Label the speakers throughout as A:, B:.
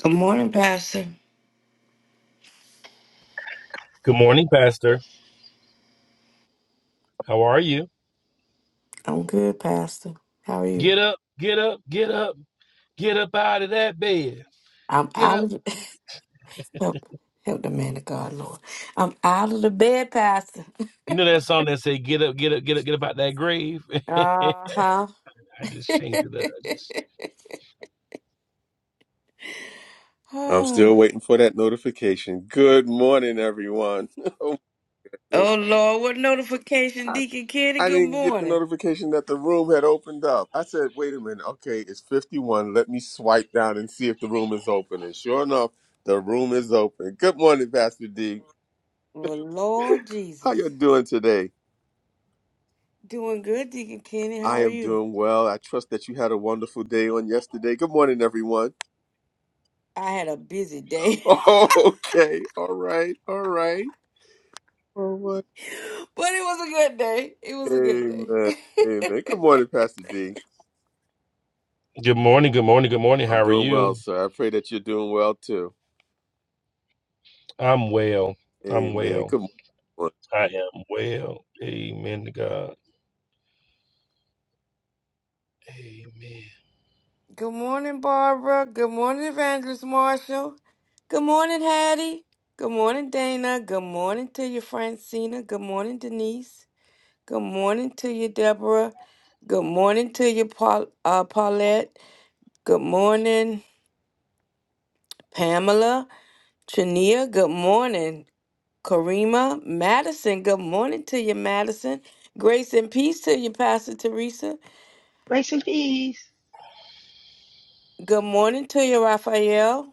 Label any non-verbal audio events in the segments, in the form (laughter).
A: Good morning, Pastor.
B: Good morning, Pastor. How are you?
A: I'm good, Pastor. How are you?
B: Get up, get up, get up, get up out of that bed.
A: I'm
B: Get
A: out
B: up.
A: of the (laughs) help, help the man of God, Lord. I'm out of the bed, Pastor.
B: You know that song that say "Get up, get up, get up, get up out that grave." (laughs) I
A: Uh huh.
B: just changed it up.
A: (sighs)
C: I'm
A: oh
C: still waiting for that notification. Good morning, everyone. (laughs) Oh, my goodness.
A: Lord, what notification,
C: I,
A: Deacon Kenny?
C: I
A: Good
C: didn't get the
A: morning.
C: notification that the room had opened up. I said, wait a minute. Okay, it's 51. Let me swipe down and see if the room is open. And sure enough, the room is open. Good morning, Pastor D.
A: Well,
C: (laughs)
A: Lord
C: How
A: Jesus,
C: you doing today?
A: doing good, Deacon Kenny. How
C: I
A: are
C: am
A: you?
C: doing well. I trust that you had a wonderful day on yesterday. Good morning, everyone. (laughs)
A: I had a busy day,
C: Oh, okay. All right. All right. All right.
A: (laughs) but it was a good day. It was a good
C: Amen.
A: day.
C: Amen.
A: (laughs)
C: Good morning, Pastor D.
B: Good morning, good morning, good morning.
C: I'm
B: How are
C: doing well,
B: you?
C: sir. I pray that you're doing well too.
B: I'm well. I'm
C: Amen.
B: well.
C: Good morning.
B: I am well. Amen to God. Amen.
A: Good morning, Barbara. Good morning, Evangelist Marshall. Good morning, Hattie. Good morning, Dana. Good morning to you, Francina. Good morning, Denise. Good morning to you, Deborah. Good morning to you, Paul, uh, Paulette. Good morning, Pamela. Chania, good morning. Karima, Madison, good morning to you, Madison. Grace and peace to you, Pastor Teresa.
D: Grace and peace.
A: Good morning to you, Raphael.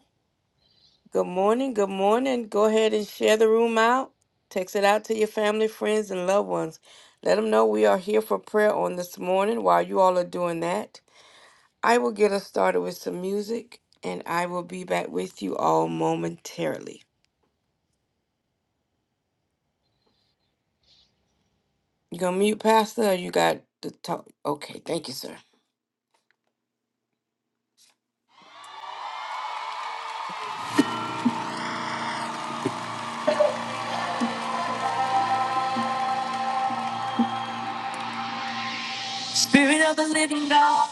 A: Good morning. Good morning. Go ahead and share the room out. Text it out to your family, friends, and loved ones. Let them know we are here for prayer on this morning while you all are doing that. I will get us started with some music and I will be back with you all momentarily. You gonna mute, Pastor, or you got the talk? Okay, thank you, sir. Spirit of the living God,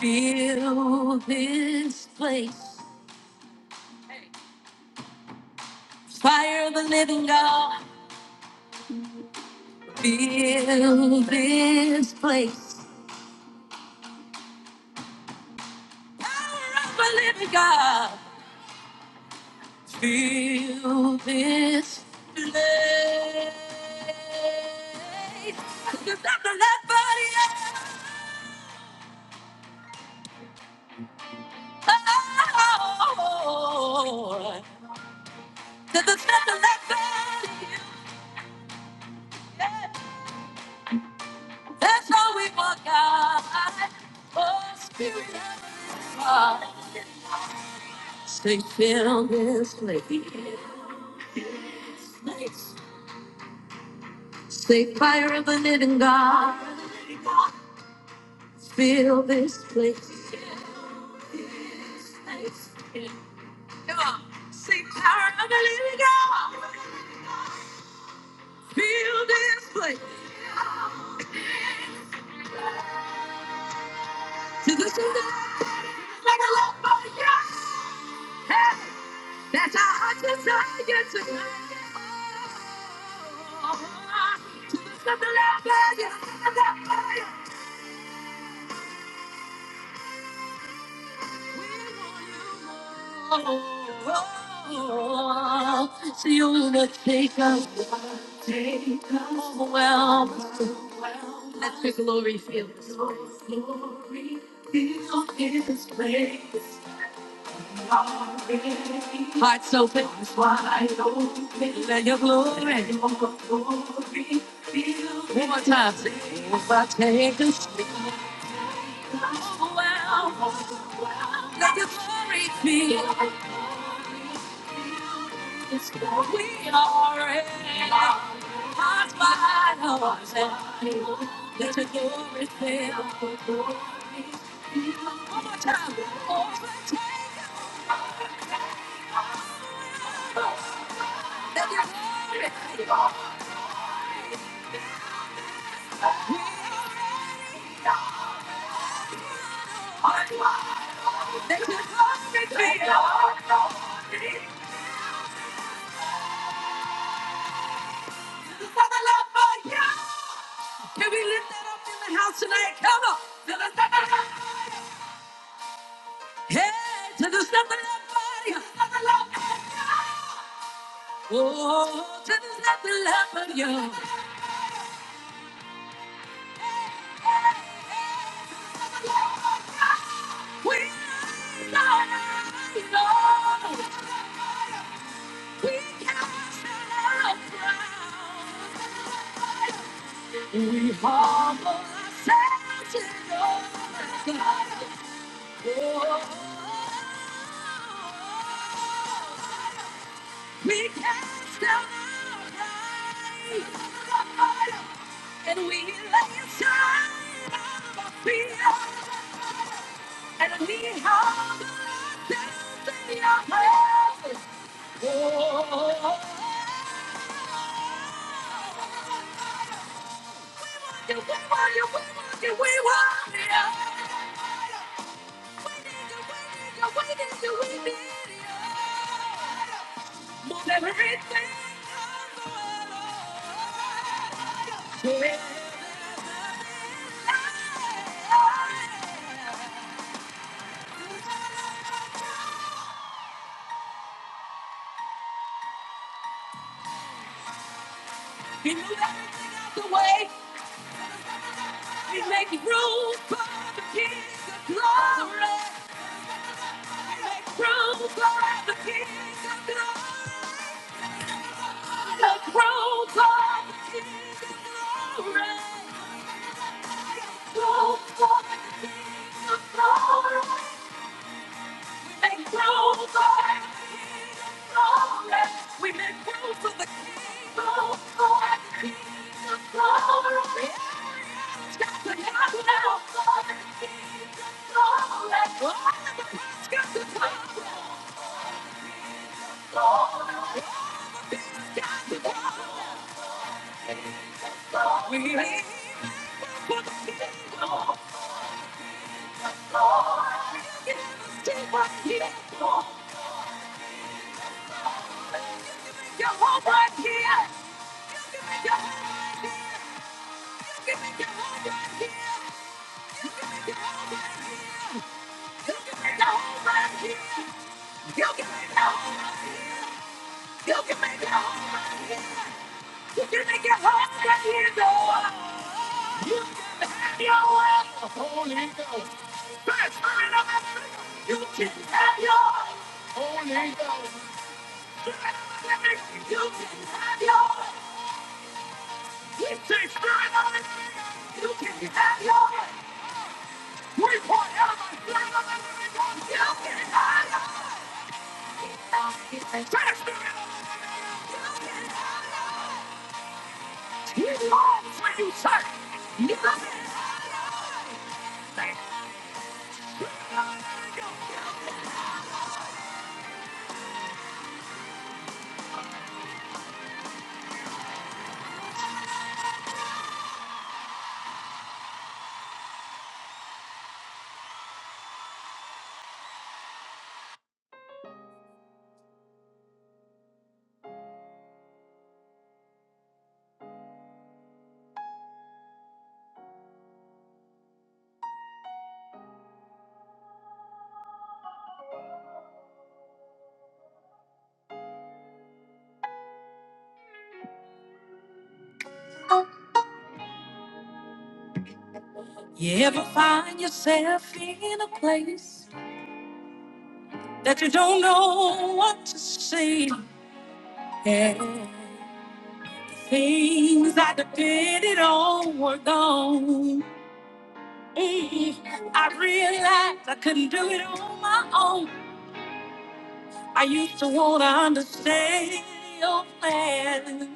A: fill this place. Fire of the living God, fill this place. Power of a living God, fill this place. Lift up the left body up. Oh, to the center left body up. That's all we want, God. Oh, Spirit of the God. Stay fill this place. Say fire of the living God. Feel this place. Come on. Sing power of the living God. Feel this place. To the sound of like a love body. Yes. Hey, that's our heart desire tonight. Oh, to the sound of love, yeah, love, yeah. So you will take us, take us, overwhelm us. Let your glory fill this place. Glory Fill this place. Hearts open, wide open. Let your glory. Let your glory fill One more time. Say, Overtake us, overwhelm us. Let your glory fill. Yes, we are in. Hearts wide open. Let the glory fill. One more time. Overtake us. Let the glory fill. We are in. hearts wide open. Let the glory fill. This is for the love for you. Can we lift that up in the house tonight? Come on. To the sound of the fire. Yeah, to the sound of my body. To the fire. Oh, to the sound of my voice. To the fire. We know. We cast our crowns. We humble ourselves in your sight. We cast down our pride with the fire, and we lay aside our fear, and we humble ourselves in your presence. Oh, we want you, we want you, we want you, we want you. He moved everything out the way. He's making room for the King of glory. He makes room for the King of glory. The cross of His glory. The cross of His glory. Make room for His glory. We make room for the King. Room for His glory. Just to have room for His glory. All of the past got to come. he got to We You can have your Holy Ghost. Spirit of the living, You can have your We say spirit of the living, You can have your We point out the spirit of the living God. You can have your Say spirit of the living, God. You can have your He longs when you say, You can have yours. You ever find yourself in a place that you don't know what to say. And things I depended on were gone. Mm, I realized I couldn't do it on my own. I used to want to understand your plan.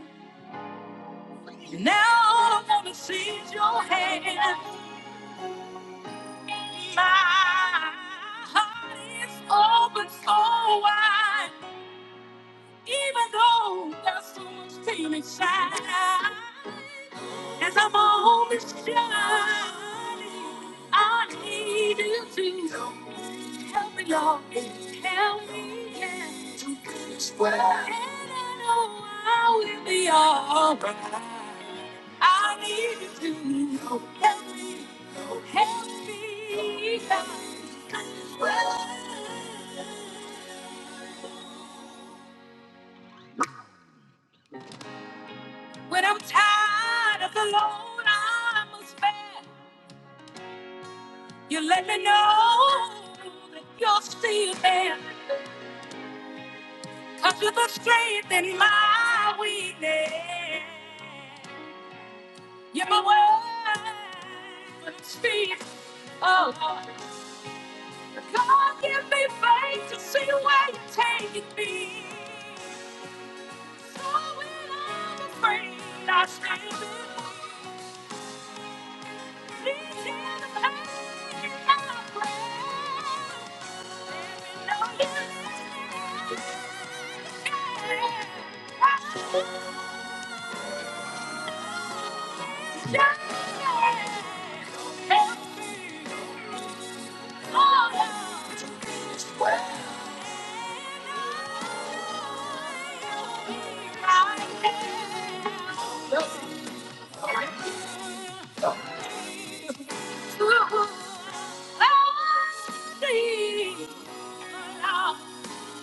A: Now all I want to see is your hand. My heart is open so wide. Even though there's so much pain inside, as I'm always shining, I need you to help me, Lord. Help me yeah, to this world. And I know I will be alright. I need you to help me, help me yeah, to this world. When I'm tired of the load I must bear, you let me know that you're still there. you you're the strength in my weakness. You're my word, when I'm speaking. Oh, Lord. God, give me faith to see where you're taking me. So when I'm afraid, I stand. believe. Thank you.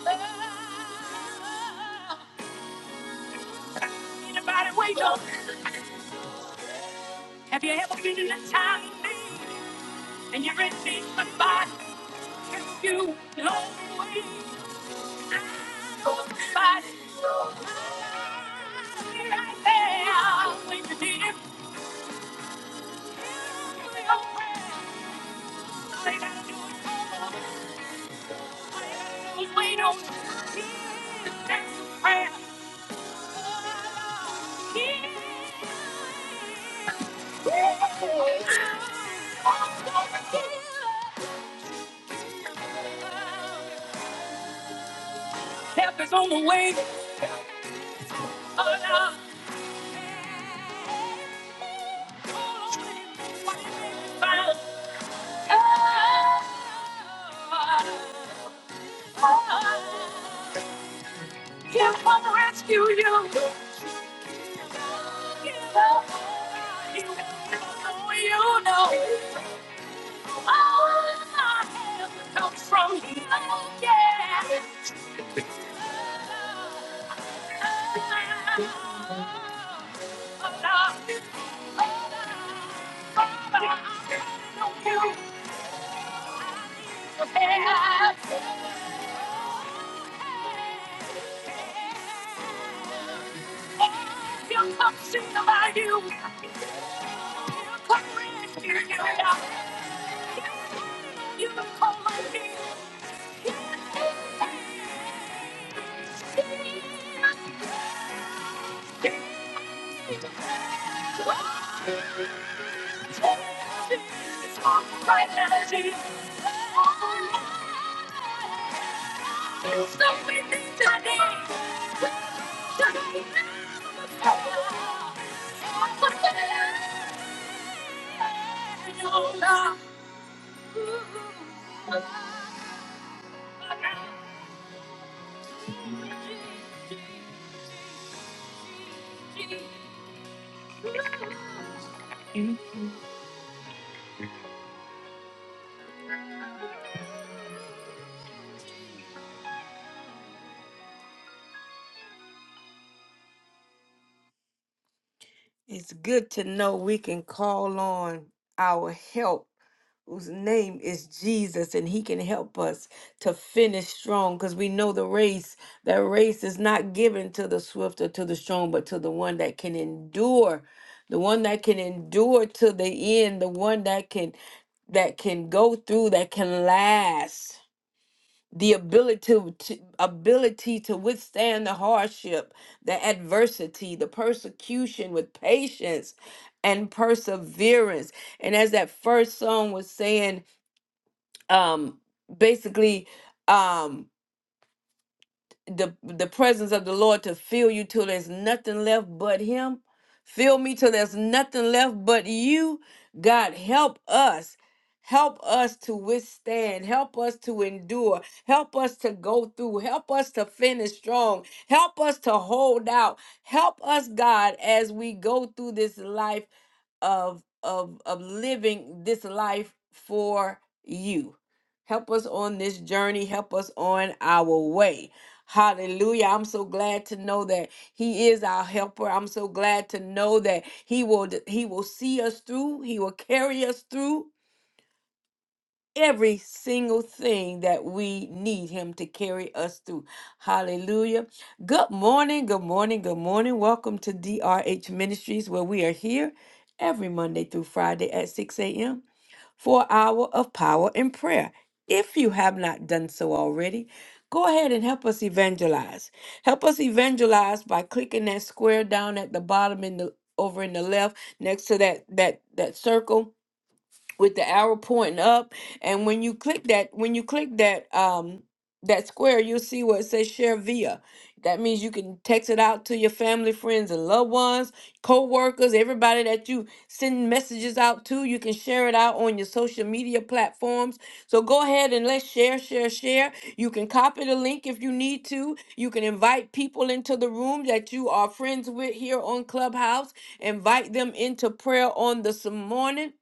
A: Anybody wake up? Have you ever been in a time of need and you're in need of somebody to you? know way. I know somebody. who's Right there. When you need him, hear your prayer. All you gotta do it call on him. you gotta do is wait on him. he prayer. he Help is on the way. Oh, no. He'll come rescue you. You know. You know. You know. All I have comes from him. Yeah. you. It's good to know we can call on our help whose name is Jesus, and He can help us to finish strong because we know the race, that race is not given to the swift or to the strong, but to the one that can endure, the one that can endure to the end, the one that can that can go through, that can last. The ability to, to- ability to withstand the hardship, the adversity, the persecution with patience and perseverance. And as that first song was saying, um basically um the the presence of the Lord to fill you till there's nothing left but him. Fill me till there's nothing left but you. God help us. Help us to withstand. Help us to endure. Help us to go through. Help us to finish strong. Help us to hold out. Help us, God, as we go through this life of of of living this life for you. Help us on this journey. Help us on our way. Hallelujah. I'm so glad to know that he is our helper. I'm so glad to know that he will he will see us through. He will carry us through every single thing that we need him to carry us through. Hallelujah. Good morning. Good morning. Good morning. Welcome to DRH Ministries where we are here every Monday through Friday at 6 a.m for an hour of power and prayer. If you have not done so already, go ahead and help us evangelize. Help us evangelize by clicking that square down at the bottom in the over in the left next to that that that circle with the arrow pointing up. And when you click that, when you click that um that square, you'll see where it says share via. That means you can text it out to your family, friends, and loved ones, co-workers, everybody that you send messages out to. You can share it out on your social media platforms. So go ahead and let's share, share, share. You can copy the link if you need to. You can invite people into the room that you are friends with here on Clubhouse. Invite them into prayer on this morning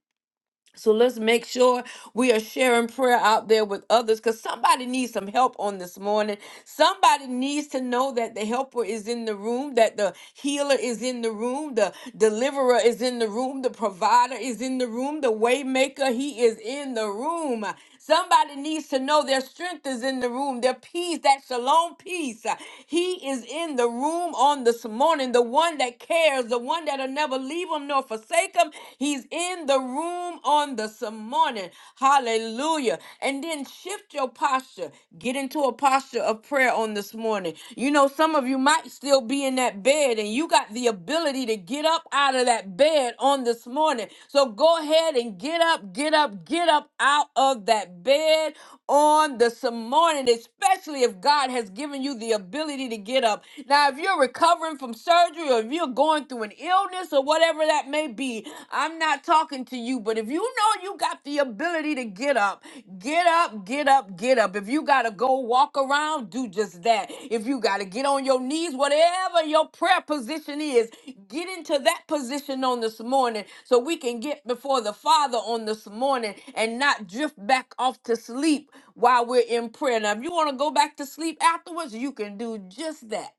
A: so let's make sure we are sharing prayer out there with others because somebody needs some help on this morning. Somebody needs to know that the helper is in the room, that the healer is in the room, the deliverer is in the room, the provider is in the room, the waymaker, he is in the room. Somebody needs to know their strength is in the room, their peace, that shalom peace. uh, He is in the room on this morning, the one that cares, the one that'll never leave him nor forsake him. He's in the room on this morning. Hallelujah. And then shift your posture. Get into a posture of prayer on this morning. You know, some of you might still be in that that bed and you got the ability to get up out of that bed on this morning. So go ahead and get up, get up, get up out of that bed on this morning, especially if God has given you the ability to get up. Now, if you're recovering from surgery or if you're going through an illness or whatever that may be, I'm not talking to you, but if you know you got the ability, ability to get up. Get up, get up, get up. If you got to go walk around, do just that. If you got to get on your knees, whatever your prayer position is, get into that position on this morning so we can get before the Father on this morning and not drift back off to sleep while we're in prayer. Now, if you want to go back to sleep afterwards, you can do just that.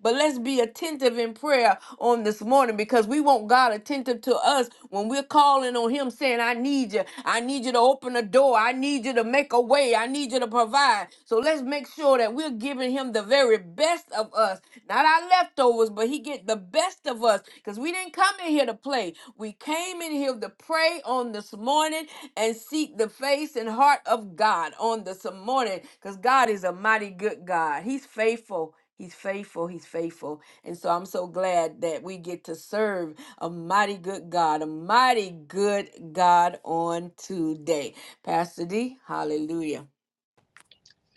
A: But let's be attentive in prayer on this morning because we want God attentive to us when we're calling on Him saying, I need you. I need you to open a door. I need you to make a way. I need you to provide. So let's make sure that we're giving Him the very best of us, not our leftovers, but He get the best of us because we didn't come in here to play. We came in here to pray on this morning and seek the face and heart of God on this morning because God is a mighty good God. He's faithful. He's faithful. He's faithful. And so I'm so glad that we get to serve a mighty good God, a mighty good God on today. Pastor D, hallelujah.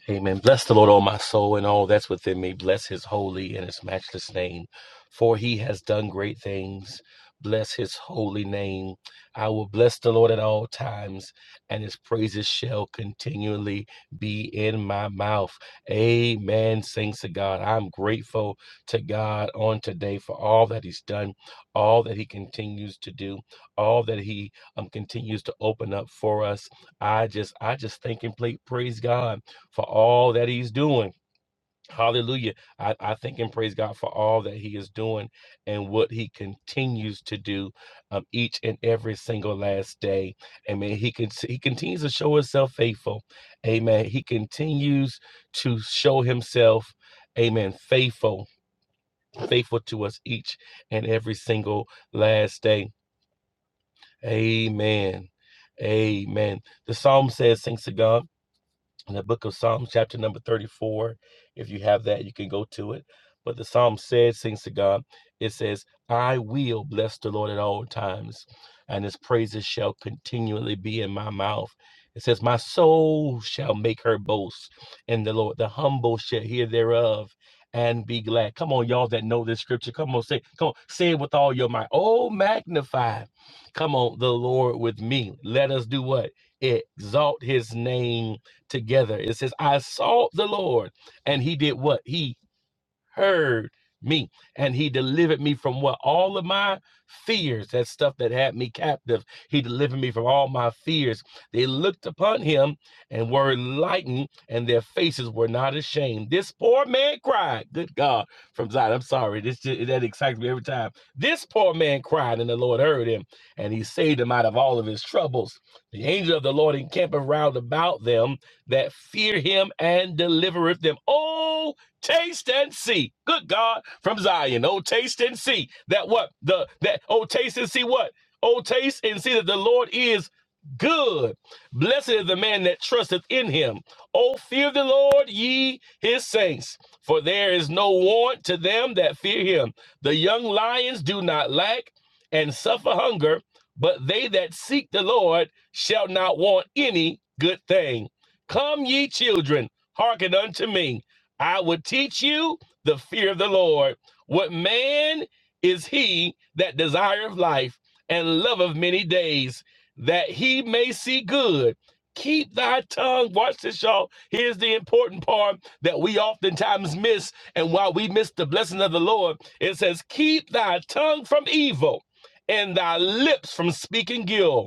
B: Amen. Bless the Lord, O my soul, and all that's within me. Bless his holy and his matchless name, for he has done great things. Bless his holy name. I will bless the Lord at all times, and his praises shall continually be in my mouth. Amen. Thanks to God. I'm grateful to God on today for all that he's done, all that he continues to do, all that he um, continues to open up for us. I just, I just thank and pla- praise God for all that he's doing. Hallelujah. I, I thank and praise God for all that he is doing and what he continues to do um, each and every single last day. Amen. He can he continues to show himself faithful. Amen. He continues to show himself, amen, faithful, faithful to us each and every single last day. Amen. Amen. The psalm says, thanks to God in the book of Psalms, chapter number 34. If you have that, you can go to it. But the psalm says, sings to God, it says, I will bless the Lord at all times, and his praises shall continually be in my mouth. It says, My soul shall make her boast in the Lord. The humble shall hear thereof and be glad. Come on, y'all that know this scripture. Come on, say, come on, say it with all your might. Oh, magnify. Come on, the Lord with me. Let us do what? Exalt his name together. It says, I sought the Lord and he did what? He heard me and he delivered me from what all of my fears that stuff that had me captive he delivered me from all my fears they looked upon him and were lightened and their faces were not ashamed this poor man cried good god from zion i'm sorry this ju- that excites me every time this poor man cried and the lord heard him and he saved him out of all of his troubles the angel of the lord encampeth round about them that fear him and delivereth them oh Taste and see. Good God from Zion. Oh, taste and see that what the that oh taste and see what oh taste and see that the Lord is good. Blessed is the man that trusteth in Him. Oh, fear the Lord, ye His saints, for there is no want to them that fear Him. The young lions do not lack and suffer hunger, but they that seek the Lord shall not want any good thing. Come, ye children, hearken unto me. I would teach you the fear of the Lord. What man is he that desireth life and loveth many days, that he may see good? Keep thy tongue. Watch this, y'all. Here's the important part that we oftentimes miss. And while we miss the blessing of the Lord, it says, Keep thy tongue from evil and thy lips from speaking guilt.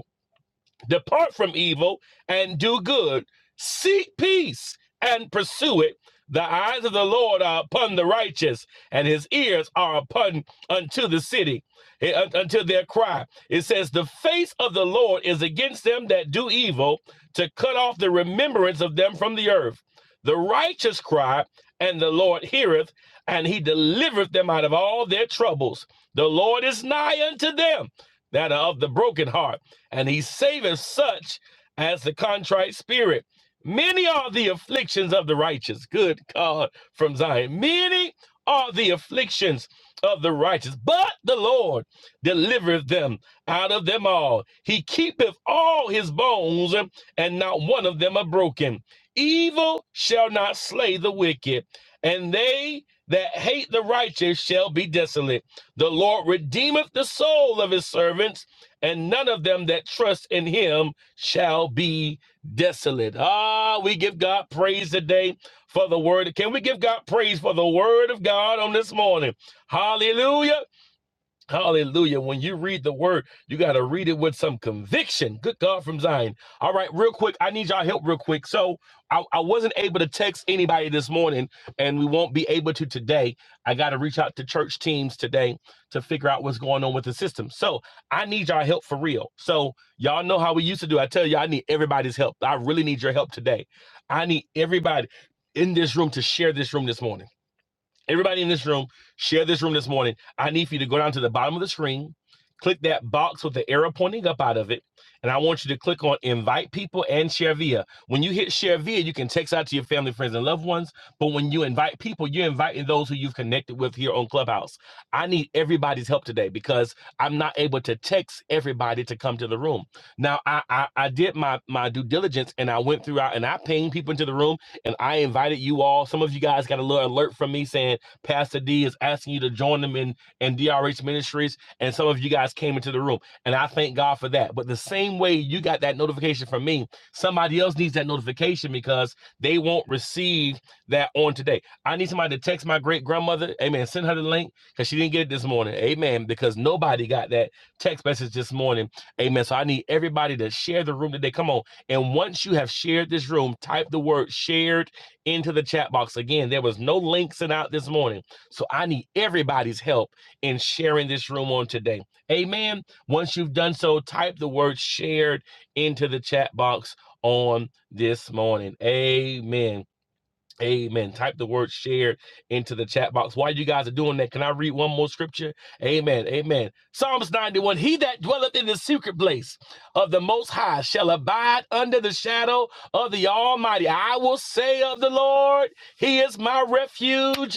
B: Depart from evil and do good. Seek peace and pursue it. The eyes of the Lord are upon the righteous, and his ears are upon unto the city, eh, unto their cry. It says, The face of the Lord is against them that do evil, to cut off the remembrance of them from the earth. The righteous cry, and the Lord heareth, and he delivereth them out of all their troubles. The Lord is nigh unto them that are of the broken heart and he saveth such as the contrite spirit. Many are the afflictions of the righteous. Good God from Zion. Many are the afflictions of the righteous, but the Lord delivereth them out of them all. He keepeth all his bones, and not one of them are broken. Evil shall not slay the wicked, and they that hate the righteous shall be desolate. The Lord redeemeth the soul of his servants and none of them that trust in him shall be desolate. Ah, we give God praise today for the word. Can we give God praise for the word of God on this morning? Hallelujah. Hallelujah. When you read the word, you got to read it with some conviction. Good God from Zion. All right, real quick. I need y'all help real quick. So I, I wasn't able to text anybody this morning, and we won't be able to today. I got to reach out to church teams today to figure out what's going on with the system. So I need y'all help for real. So y'all know how we used to do. I tell you, I need everybody's help. I really need your help today. I need everybody in this room to share this room this morning. Everybody in this room, share this room this morning. I need for you to go down to the bottom of the screen, click that box with the arrow pointing up out of it, and I want you to click on invite people and share via. When you hit share via, you can text out to your family, friends, and loved ones. But when you invite people, you're inviting those who you've connected with here on Clubhouse. I need everybody's help today because I'm not able to text everybody to come to the room. Now, I I, I did my my due diligence and I went throughout and I pinged people into the room and I invited you all. Some of you guys got a little alert from me saying Pastor D is asking you to join them in in DRH Ministries, and some of you guys came into the room, and I thank God for that. But the same way you got that notification from me, somebody else needs that notification because they won't receive that on today. I need somebody to text my great grandmother, Amen. Send her the link because she didn't get it this morning, Amen. Because nobody got that text message this morning, Amen. So I need everybody to share the room today. Come on, and once you have shared this room, type the word "shared." into the chat box. Again, there was no link sent out this morning. So I need everybody's help in sharing this room on today. Amen. Once you've done so, type the word shared into the chat box on this morning. Amen. Amen. Type the word "shared" into the chat box. While you guys are doing that, can I read one more scripture? Amen. Amen. Psalms 91 He that dwelleth in the secret place of the Most High shall abide under the shadow of the Almighty. I will say of the Lord, He is my refuge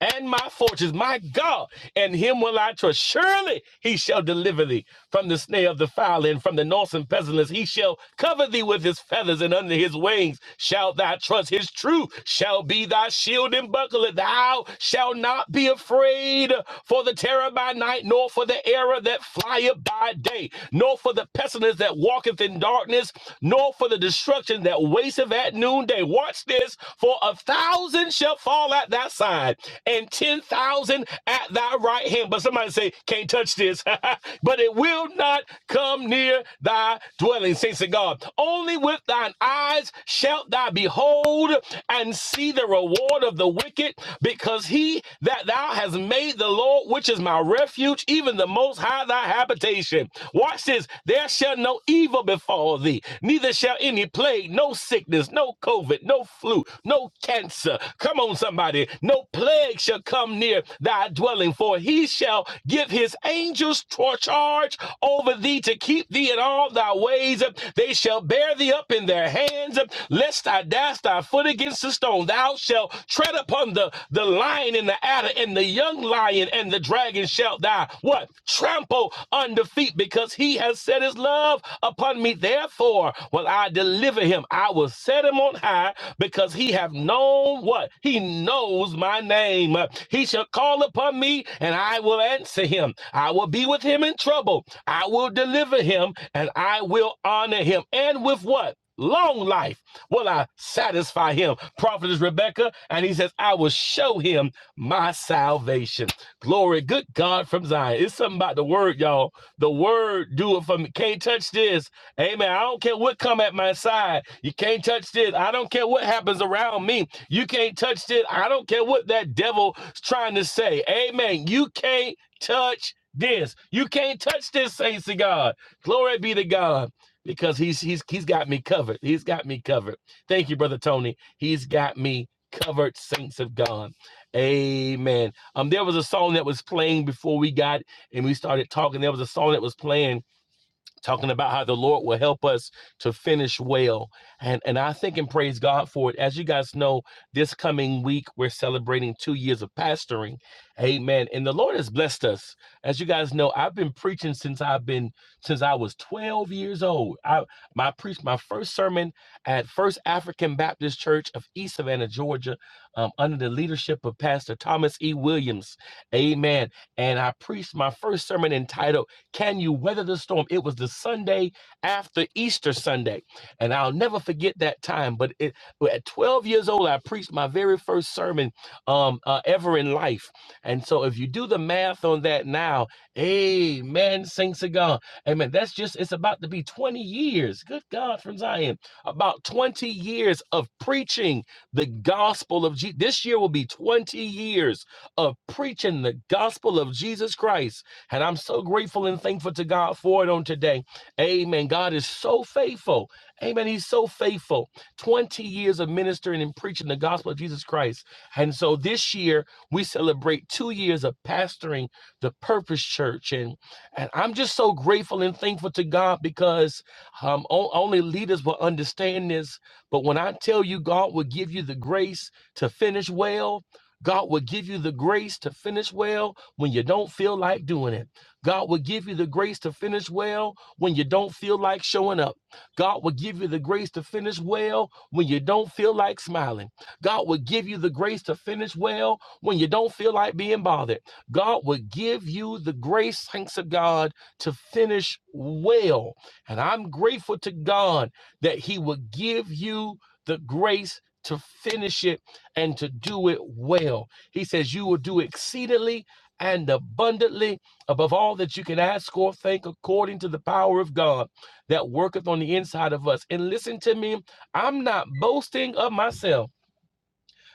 B: and my fortunes, my God, and him will I trust. Surely he shall deliver thee from the snare of the fowler and from the noisome pestilence. He shall cover thee with his feathers, and under his wings shalt thou trust. His truth shall be thy shield and buckler. Thou shalt not be afraid for the terror by night, nor for the error that flieth by day, nor for the pestilence that walketh in darkness, nor for the destruction that wasteth at noonday say, Watch this, for a thousand shall fall at thy side, and ten thousand at thy right hand. But somebody say, Can't touch this, (laughs) but it will not come near thy dwelling, saints of God. Only with thine eyes shalt thou behold and see the reward of the wicked, because he that thou hast made the Lord, which is my refuge, even the most high thy habitation. Watch this, there shall no evil shall befall thee, neither shall any plague, no sickness, no COVID, no flu, no cancer. Come on, somebody. No plague shall come near thy dwelling, for he shall give his angels charge over thee to keep thee in all thy ways. They shall bear thee up in their hands, lest thou dash thy foot against a stone. Thou shalt tread upon the, the lion and the adder and the young lion and the dragon shalt thou what? trample under feet, because he has set his love upon me. Therefore, will I deliver him. I will set him on high because he have known what? He knows my name. He shall call upon me and I will answer him. I will be with him in trouble. I will deliver him and I will honor him. And with what? Long life will I satisfy him. Prophetess Rebecca, and he says, I will show him my salvation. Glory. Good God from Zion. It's something about the word, y'all. The word do it for me. Can't touch this. Amen. I don't care what come at my side. You can't touch this. I don't care what happens around me. You can't touch this. I don't care what that devil's trying to say. Amen. You can't touch this. You can't touch this, saints of God. Glory be to God. Because he's he's he's got me covered. He's got me covered. Thank you, brother Tony. He's got me covered, saints of God. Amen. Um, there was a song that was playing before we got and we started talking. There was a song that was playing talking about how the Lord will help us to finish well. And, and I think and praise God for it. As you guys know, this coming week, we're celebrating two years of pastoring. Amen. And the Lord has blessed us. As you guys know, I've been preaching since I've been, since I was 12 years old. I, my preached my first sermon at First African Baptist Church of East Savannah, Georgia, um, under the leadership of Pastor Thomas E. Williams. Amen. And I preached my first sermon entitled can you weather the storm? It was the Sunday after Easter Sunday. And I'll never forget that time. But it, well, at 12 years old, I preached my very first sermon um, uh, ever in life. And so if you do the math on that now, amen, sing to God. Amen. That's just, it's about to be 20 years. Good God from Zion. About 20 years of preaching the gospel of Jesus. This year will be 20 years of preaching the gospel of Jesus Christ and I'm so grateful and thankful to God for it on today. Amen. God is so faithful. Amen. He's so faithful. 20 years of ministering and preaching the gospel of Jesus Christ. And so this year, we celebrate two years of pastoring the Purpose Church. And, and I'm just so grateful and thankful to God because um, o- only leaders will understand this. But when I tell you, God will give you the grace to finish well, God will give you the grace to finish well when you don't feel like doing it. God will give you the grace to finish well when you don't feel like showing up. God will give you the grace to finish well when you don't feel like smiling. God will give you the grace to finish well when you don't feel like being bothered. God will give you the grace, thanks to God, to finish well. And I'm grateful to God that He will give you the grace to finish it and to do it well. He says, You will do exceedingly and abundantly above all that you can ask or think, according to the power of God that worketh on the inside of us. And listen to me, I'm not boasting of myself.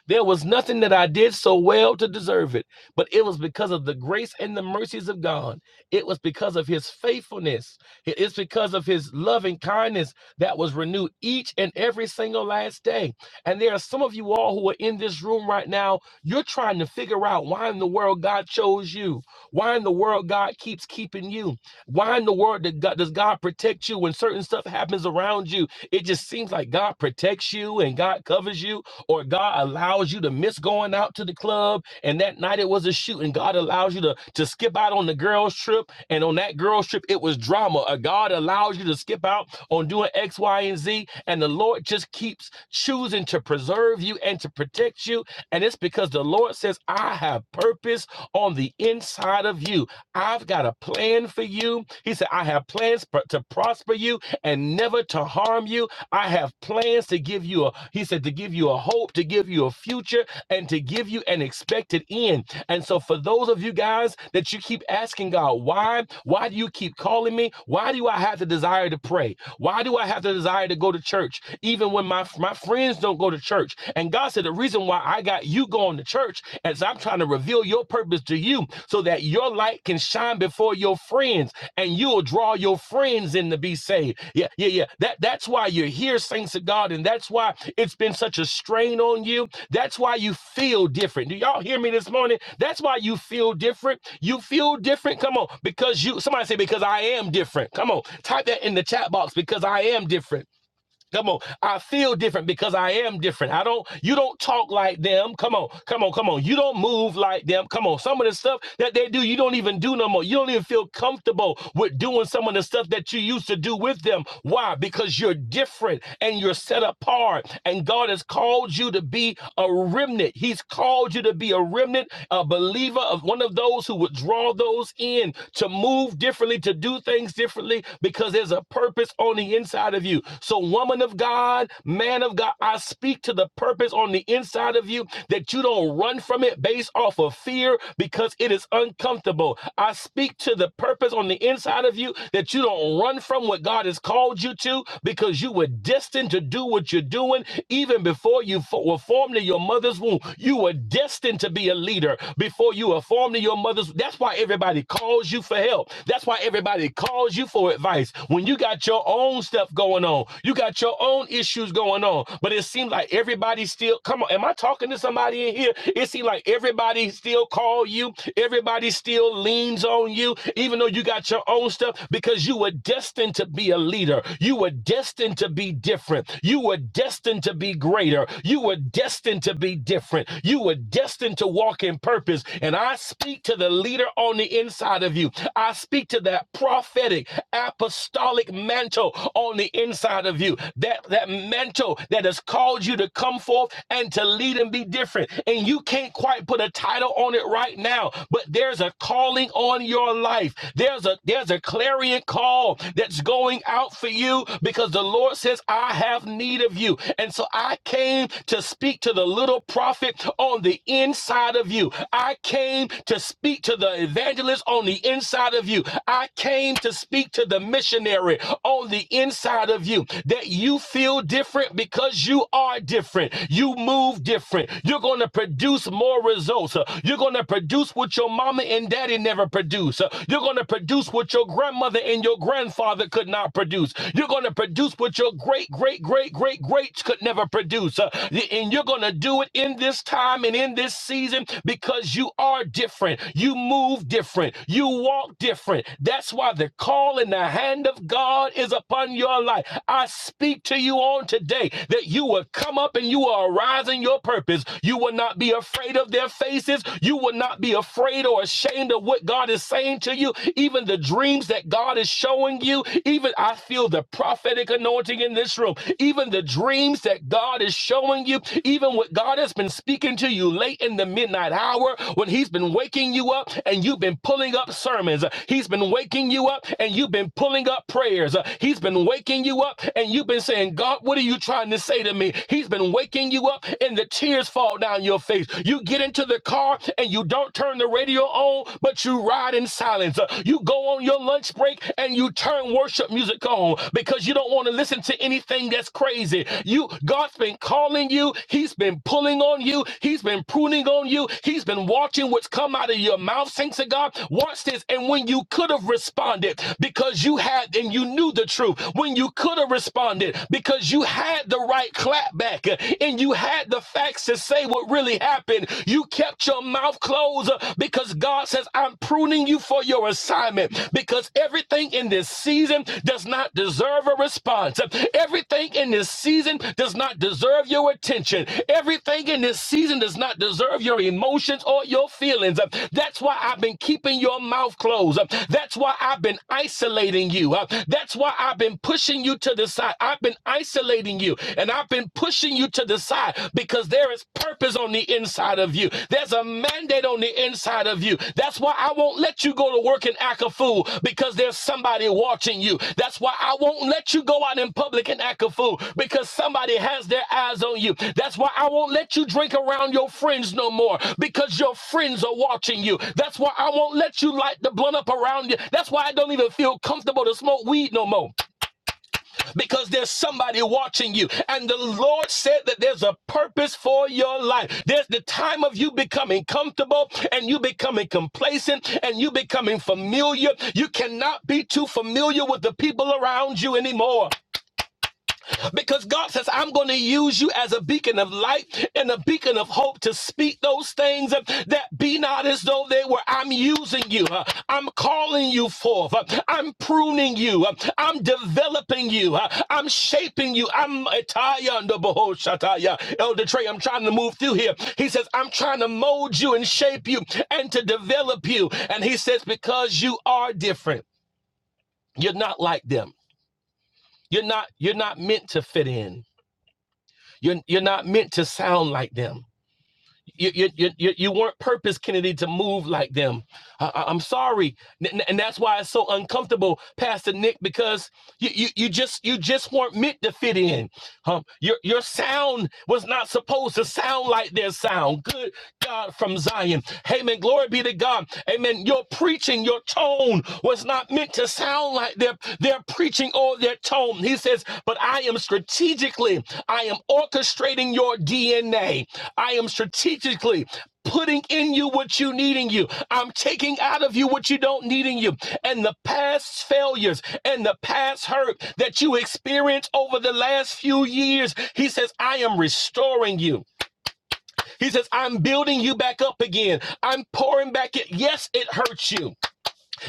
B: There was nothing that I did so well to deserve it, but it was because of the grace and the mercies of God. It was because of his faithfulness. It's because of his loving kindness that was renewed each and every single last day. And there are some of you all who are in this room right now. You're trying to figure out why in the world God chose you, why in the world God keeps keeping you, why in the world did God- does God protect you when certain stuff happens around you? It just seems like God protects you and God covers you or God allows you to miss going out to the club and that night it was a shoot and God allows you to, to skip out on the girls trip and on that girls trip it was drama or God allows you to skip out on doing X, Y, and Z and the Lord just keeps choosing to preserve you and to protect you and it's because the Lord says I have purpose on the inside of you I've got a plan for you. He said, I have plans to prosper you and never to harm you. I have plans to give you a, he said, to give you a hope, to give you a future, and to give you an expected end. And so, for those of you guys that you keep asking God, why? Why do you keep calling me? Why do I have the desire to pray? Why do I have the desire to go to church, even when my, my friends don't go to church? And God said, the reason why I got you going to church is I'm trying to reveal your purpose service to you so that your light can shine before your friends and you'll draw your friends in to be saved. Yeah, yeah, yeah. That that's why you're here, saints of God, and that's why it's been such a strain on you. That's why you feel different. Do y'all hear me this morning? That's why you feel different. You feel different. Come on, because you somebody say because I am different. Come on, type that in the chat box because I am different. Come on. I feel different because I am different. I don't, you don't talk like them. Come on, come on, come on. You don't move like them. Come on. Some of the stuff that they do, you don't even do no more. You don't even feel comfortable with doing some of the stuff that you used to do with them. Why? Because you're different and you're set apart. And God has called you to be a remnant. He's called you to be a remnant, a believer of one of those who would draw those in to move differently, to do things differently, because there's a purpose on the inside of you. So one woman of God, man of God, I speak to the purpose on the inside of you that you don't run from it based off of fear because it is uncomfortable. I speak to the purpose on the inside of you that you don't run from what God has called you to because you were destined to do what you're doing even before you fo- were formed in your mother's womb. You were destined to be a leader before you were formed in your mother's. That's why everybody calls you for help. That's why everybody calls you for advice. When you got your own stuff going on, you got your own issues going on, but it seems like everybody still. Come on, am I talking to somebody in here? It seems like everybody still call you. Everybody still leans on you, even though you got your own stuff, because you were destined to be a leader. You were destined to be different. You were destined to be greater. You were destined to be different. You were destined to walk in purpose. And I speak to the leader on the inside of you. I speak to that prophetic apostolic mantle on the inside inside of you, that, that mantle that has called you to come forth and to lead and be different. And you can't quite put a title on it right now, but there's a calling on your life. There's a there's a clarion call that's going out for you because the Lord says, I have need of you. And so I came to speak to the little prophet on the inside of you. I came to speak to the evangelist on the inside of you. I came to speak to the missionary on the inside of you of you that you feel different because you are different. You move different. You're going to produce more results. Uh, You're going to produce what your mama and daddy never produced. Uh, You're going to produce what your grandmother and your grandfather could not produce. You're going to produce what your great, great, great, great, greats could never produce. Uh, And you're going to do it in this time and in this season because you are different. You move different. You walk different. That's why the call and the hand of God is upon your life life. I speak to you on today that you will come up and you will arise in your purpose. You will not be afraid of their faces. You will not be afraid or ashamed of what God is saying to you. Even the dreams that God is showing you, even I feel the prophetic anointing in this room. Even the dreams that God is showing you, even what God has been speaking to you late in the midnight hour when He's been waking you up and you've been pulling up sermons. He's been waking you up and you've been pulling up prayers. He's been waking waking you up and you've been saying, God, what are you trying to say to me? He's been waking you up and the tears fall down your face. You get into the car and you don't turn the radio on, but you ride in silence. Uh, You go on your lunch break and you turn worship music on because you don't want to listen to anything that's crazy. You God's been calling you, He's been pulling on you, He's been pruning on you, He's been watching what's come out of your mouth. Thanks to God. Watch this. And when you could have responded because you had and you knew the truth when you could have responded because you had the right clap back uh, and you had the facts to say what really happened. You kept your mouth closed uh, because God says, I'm pruning you for your assignment because everything in this season does not deserve a response. Everything in this season does not deserve your attention. Everything in this season does not deserve your emotions or your feelings. That's why I've been keeping your mouth closed. That's why I've been isolating you. That's why I've been I've been pushing you to the side. I've been isolating you and I've been pushing you to the side because there is purpose on the inside of you. There's a mandate on the inside of you. That's why I won't let you go to work and act a fool because there's somebody watching you. That's why I won't let you go out in public and act a fool because somebody has their eyes on you. That's why I won't let you drink around your friends no more because your friends are watching you. That's why I won't let you light the blunt up around you. That's why I don't even feel comfortable to smoke weed no more because there's somebody watching you. And the Lord said that there's a purpose for your life. There's the time of you becoming comfortable and you becoming complacent and you becoming familiar. You cannot be too familiar with the people around you anymore because God says, I'm going to use you as a beacon of light and a beacon of hope to speak those things that be not as though they were. I'm using you. Uh, I'm calling you forth. Uh, I'm pruning you. Uh, I'm developing you. Uh, I'm shaping you. I'm Itaya under Behold Shataya. Elder Trey, I'm trying to move through here. He says, I'm trying to mold you and shape you and to develop you. And he says, because you are different, you're not like them. You're not, you're not meant to fit in. You're, you're not meant to sound like them. You, you, you, you weren't purpose, Kennedy, to move like them. I, I- am sorry. And that's why it's so uncomfortable, Pastor Nick, because you, you, you just you just weren't meant to fit in. Huh? Your your sound was not supposed to sound like their sound. Good God from Zion. Amen. Glory be to God. Amen. Your preaching, your tone was not meant to sound like their, their preaching or their tone. He says, but I am strategically, I am orchestrating your DNA. I am strategically putting in you what you need in you. I'm taking out of you what you don't need in you. And the past failures and the past hurt that you experienced over the last few years, he says, I am restoring you. He says, I'm building you back up again. I'm pouring back it. Yes, it hurts you.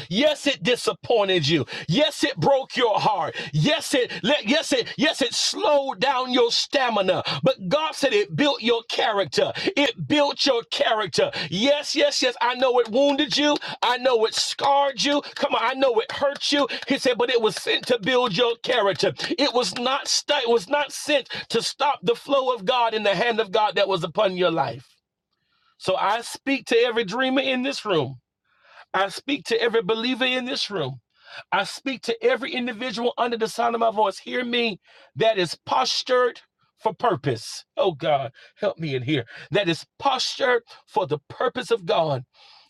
B: Yes, it disappointed you. Yes, it broke your heart. Yes, it let- yes it yes it slowed down your stamina. But God said it built your character. It built your character. Yes, yes, yes. I know it wounded you. I know it scarred you. Come on, I know it hurt you. He said, but it was sent to build your character. It was not st- it was not sent to stop the flow of God in the hand of God that was upon your life. So I speak to every dreamer in this room. I speak to every believer in this room. I speak to every individual under the sound of my voice. Hear me. That is postured for purpose. Oh God, help me in here. That is postured for the purpose of God.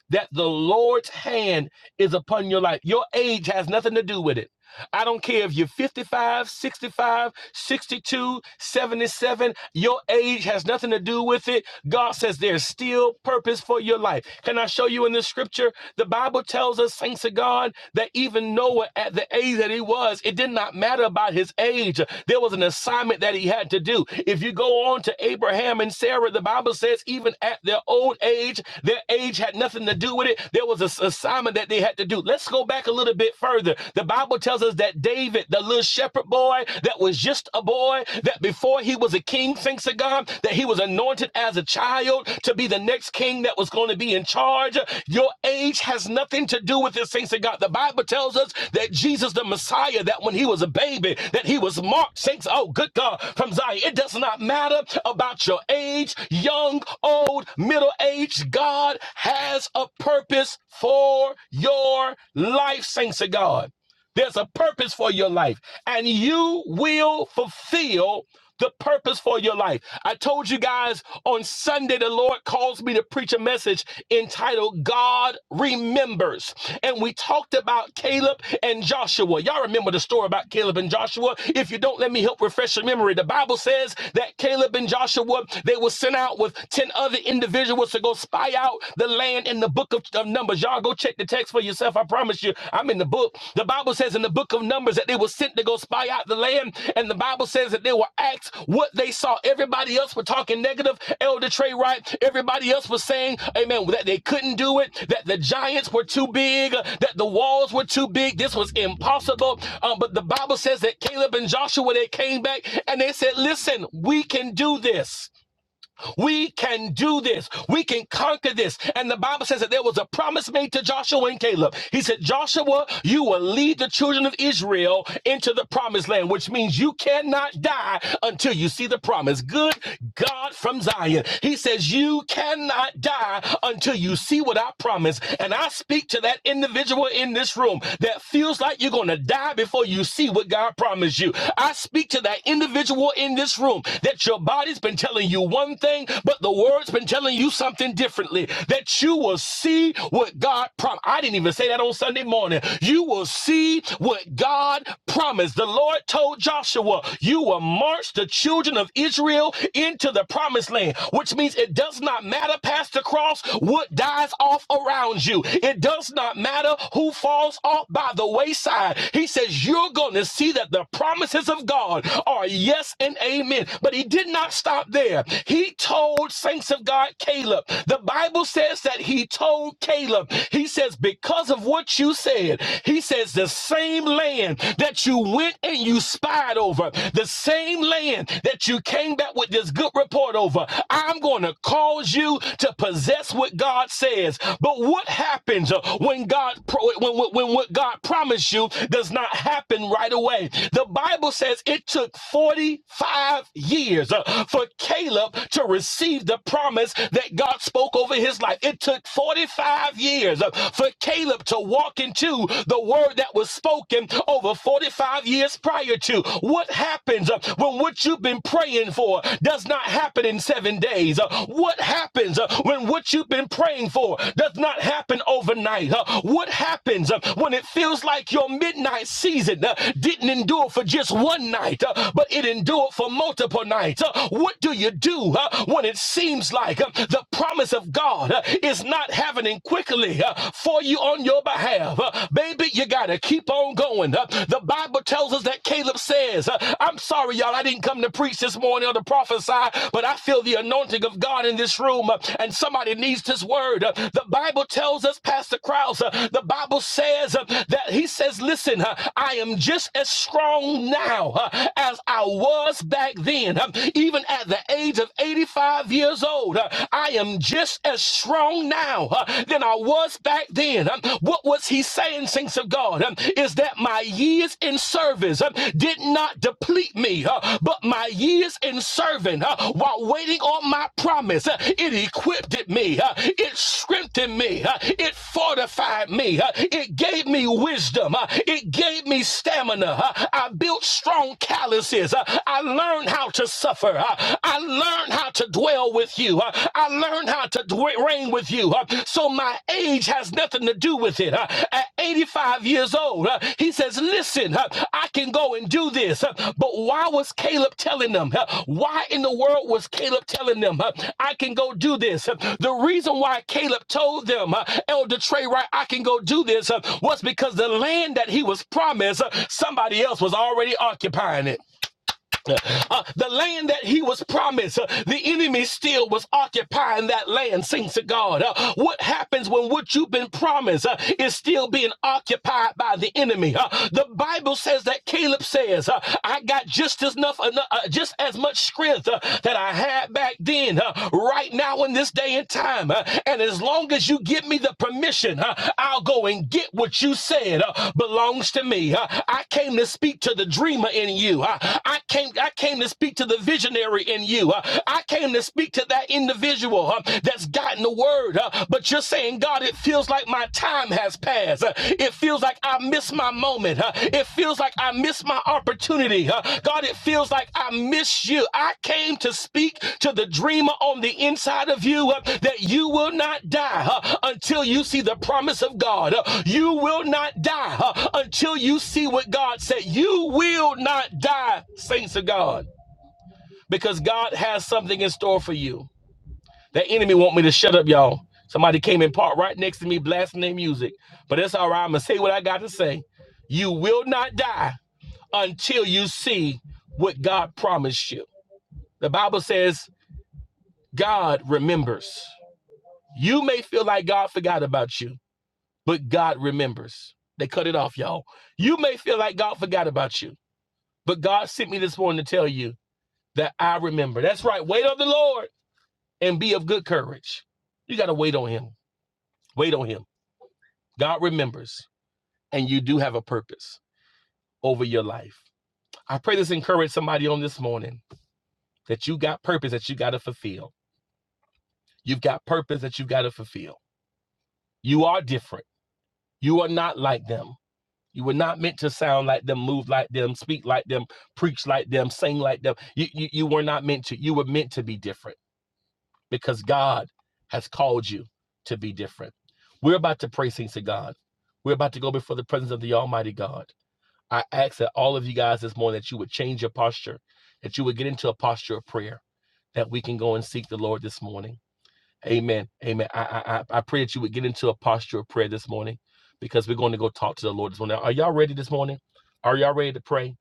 B: That the Lord's hand is upon your life. Your age has nothing to do with it. I don't care if you're 55, 65, 62, 77, your age has nothing to do with it. God says there's still purpose for your life. Can I show you in the scripture? The Bible tells us, thanks to God, that even Noah, at the age that he was, it did not matter about his age. There was an assignment that he had to do. If you go on to Abraham and Sarah, the Bible says, even at their old age, their age had nothing to do with it. There was an assignment that they had to do. Let's Let's go back a little bit further. The Bible tells us that David, the little shepherd boy that was just a boy, that before he was a king, thanks to God, that he was anointed as a child to be the next king that was going to be in charge. Your age has nothing to do with this, thanks to God. The Bible tells us that Jesus, the Messiah, that when he was a baby, that he was marked, thanks, oh, good God, from Zion. It does not matter about your age, young, old, middle age. God has a purpose purpose for your life, saints of God. There's a purpose for your life, and you will fulfill the purpose for your life. I told you guys on Sunday, the Lord calls me to preach a message entitled God Remembers. And we talked about Caleb and Joshua. Y'all remember the story about Caleb and Joshua? If you don't, let me help refresh your memory. The Bible says that Caleb and Joshua, they were sent out with 10 other individuals Elijah was to go spy out the land in the book of, of Numbers. Y'all go check the text for yourself. I promise you, I'm in the book. The Bible says in the book of Numbers that they were sent to go spy out the land, and the Bible says that they were asked what they saw. Everybody else were talking negative. Elder Trey Wright, everybody else was saying, Amen, that they couldn't do it, that the giants were too big, uh, that the walls were too big. This was impossible. Um, but the Bible says that Caleb and Joshua they came back and they said, Listen, we can do this. We can do this. We can conquer this. And the Bible says that there was a promise made to Joshua and Caleb. He said, Joshua, you will lead the children of Israel into the promised land, which means you cannot die until you see the promise. Good God from Zion. He says, You cannot die until you see what I promise. And I speak to that individual in this room that feels like you're going to die before you see what God promised you. I speak to that individual in this room that your body's been telling you you one thing, but the word's been telling you something differently. That you will see what God promised. I didn't even say that on Sunday morning. You will see what God promised. The Lord told Joshua, You will march the children of Israel into the promised land, which means it does not matter past the cross what dies off around you. It does not matter who falls off by the wayside. He says, You're going to see that the promises of God are yes and amen. But he did not stop stop there. He told saints of God Caleb. The Bible says that he told Caleb. He says, because of what you said, he says, the same land that you went and you spied over, the same land that you came back with this good report over, I'm going to cause you to possess what God says. But what happens uh, when God pro- when, when, when what God promised you does not happen right away? The Bible says it took 45 years. uh, (laughs) for Caleb to receive the promise that God spoke over his life. It took 45 years uh, for Caleb to walk into the word that was spoken over 45 years prior to. What happens uh, when what you've been praying for does not happen in seven days? Uh, What happens uh, when what you've been praying for does not happen overnight? Uh, What happens uh, when it feels like your midnight season uh, didn't endure for just one night, uh, but it endured for multiple? multiple nights. Uh, What do you do uh, when it seems like uh, the promise of God uh, is not happening quickly uh, for you on your behalf? Uh, Baby, you got to keep on going. Uh, The Bible tells us that Caleb says, uh, I'm sorry, y'all, I didn't come to preach this morning or to prophesy, but I feel the anointing of God in this room, uh, and somebody needs this word. Uh, The Bible tells us, Pastor Krause, uh, the Bible says uh, that he says, Listen, uh, I am just as strong now uh, as I was back then, uh, even at the age of 85 years old, uh, I am just as strong now uh, than I was back then. Um, What was he saying, saints of God? Um, Is that my years in service um, did not deplete me, uh, but my years in serving uh, while waiting on my promise, uh, it equipped it me, uh, it strengthened me, uh, it fortified me, uh, it gave me wisdom, uh, it gave me stamina. uh, I built strong calluses. uh, I learned how to suffer. Uh, I learned how to dwell with you. Uh, I learned how to dwe- reign with you. Uh, So my age has nothing to do with it. Uh, At 85 years old, uh, he says, Listen, uh, I can go and do this. Uh, But why was Caleb telling them? Uh, Why in the world was Caleb telling them, uh, I can go do this? Uh, The reason why Caleb told them, uh, Elder Trey, right, I can go do this, uh, was because the land that he was promised, uh, somebody else was already occupying it. Uh, the land that he was promised, uh, the enemy still was occupying that land, saints of God. Uh, what happens when what you've been promised uh, is still being occupied by the enemy? Uh, the Bible says that Caleb says, uh, I got just as enough, uh, uh, just as much strength uh, that I had back then, uh, right now in this day and time. uh, and as long as you give me the permission, uh, I'll go and get what you said uh, belongs to me. Uh, I came to speak to the dreamer in you. Uh, I came I came to speak to the visionary in you. Uh, I came to speak to that individual uh, that's gotten the word. uh, but you're saying, God, it feels like my time has passed. Uh, it feels like I miss my moment. huh? It feels like I miss my opportunity. huh? God, it feels like I miss you. I came to speak to the dreamer on the inside of you uh, that you will not die huh, until you see the promise of God. Uh, You will not die huh, until you see what God said. You will not die, saints of God, because God has something in store for you. That enemy want me to shut up, y'all. Somebody came and parked right next to me blasting their music. But that's all right. I'm going to say what I got to say. You will not die until you see what God promised you. The Bible says God remembers. You may feel like God forgot about you, but God remembers. They cut it off, y'all. You may feel like God forgot about you, but God sent me this morning to tell you that I remember. That's right. Wait on the Lord and be of good courage. You got to wait on him. Wait on him. God remembers, and you do have a purpose over your life. I pray this encourage somebody on this morning that you got purpose that you got to fulfill. You've got purpose that you got to fulfill. You are different. You are not like them. You were not meant to sound like them, move like them, speak like them, preach like them, sing like them. You, you, you were not meant to. You were meant to be different because God has called you to be different. We're about to pray things to God. We're about to go before the presence of the Almighty God. I ask that all of you guys this morning that you would change your posture, that you would get into a posture of prayer, that we can go and seek the Lord this morning. Amen. Amen. I I, I pray that you would get into a posture of prayer this morning because we're going to go talk to the Lord this morning. Are y'all ready this morning? Are y'all ready to pray?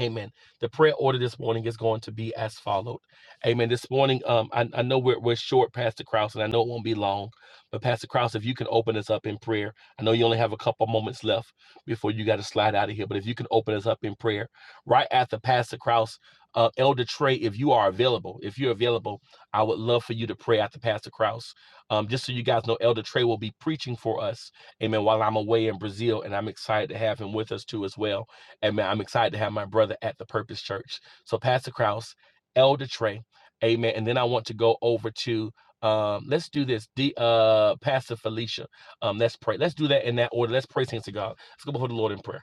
B: Amen. The prayer order this morning is going to be as followed. Amen. This morning, um, I, I know we're, we're short, Pastor Krause, and I know it won't be long, but Pastor Krause, if you can open us up in prayer, I know you only have a couple moments left before you got to slide out of here, but if you can open us up in prayer right after Pastor Krause, uh, Elder Trey, if you are available, if you're available, I would love for you to pray after Pastor Krause. Um, just so you guys know, Elder Trey will be preaching for us, amen, while I'm away in Brazil, and I'm excited to have him with us too as well. Amen. I'm excited to have my brother at the Purpose Church. So, Pastor Kraus, Elder Trey, Amen. And then I want to go over to um, let's do this. The uh Pastor Felicia. Um, let's pray. Let's do that in that order. Let's pray, Saints of God. Let's go before the Lord in prayer.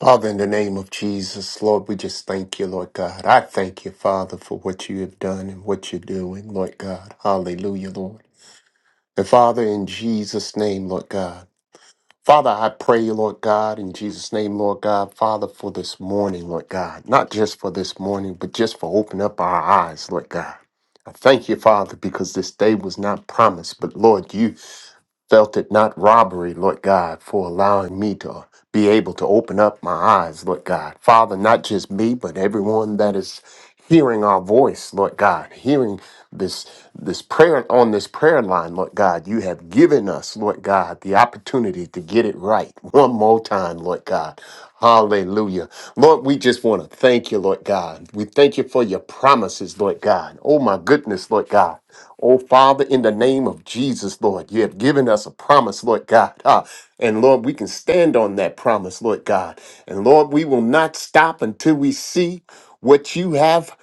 E: Father, in the name of Jesus, Lord, we just thank you, Lord God. I thank you, Father, for what you have done and what you're doing, Lord God. Hallelujah, Lord. And Father, in Jesus' name, Lord God. Father, I pray, Lord God, in Jesus' name, Lord God, Father, for this morning, Lord God. Not just for this morning, but just for opening up our eyes, Lord God. I thank you, Father, because this day was not promised, but Lord, you Felt it not robbery, Lord God, for allowing me to be able to open up my eyes, Lord God. Father, not just me, but everyone that is hearing our voice, Lord God, hearing this this prayer on this prayer line, Lord God. You have given us, Lord God, the opportunity to get it right (laughs) one more time, Lord God. Hallelujah. Lord, we just want to thank you, Lord God. We thank you for your promises, Lord God. Oh, my goodness, Lord God. Oh, Father, in the name of Jesus, Lord, you have given us a promise, Lord God. Ah, and Lord, we can stand on that promise, Lord God. And Lord, we will not stop until we see what you have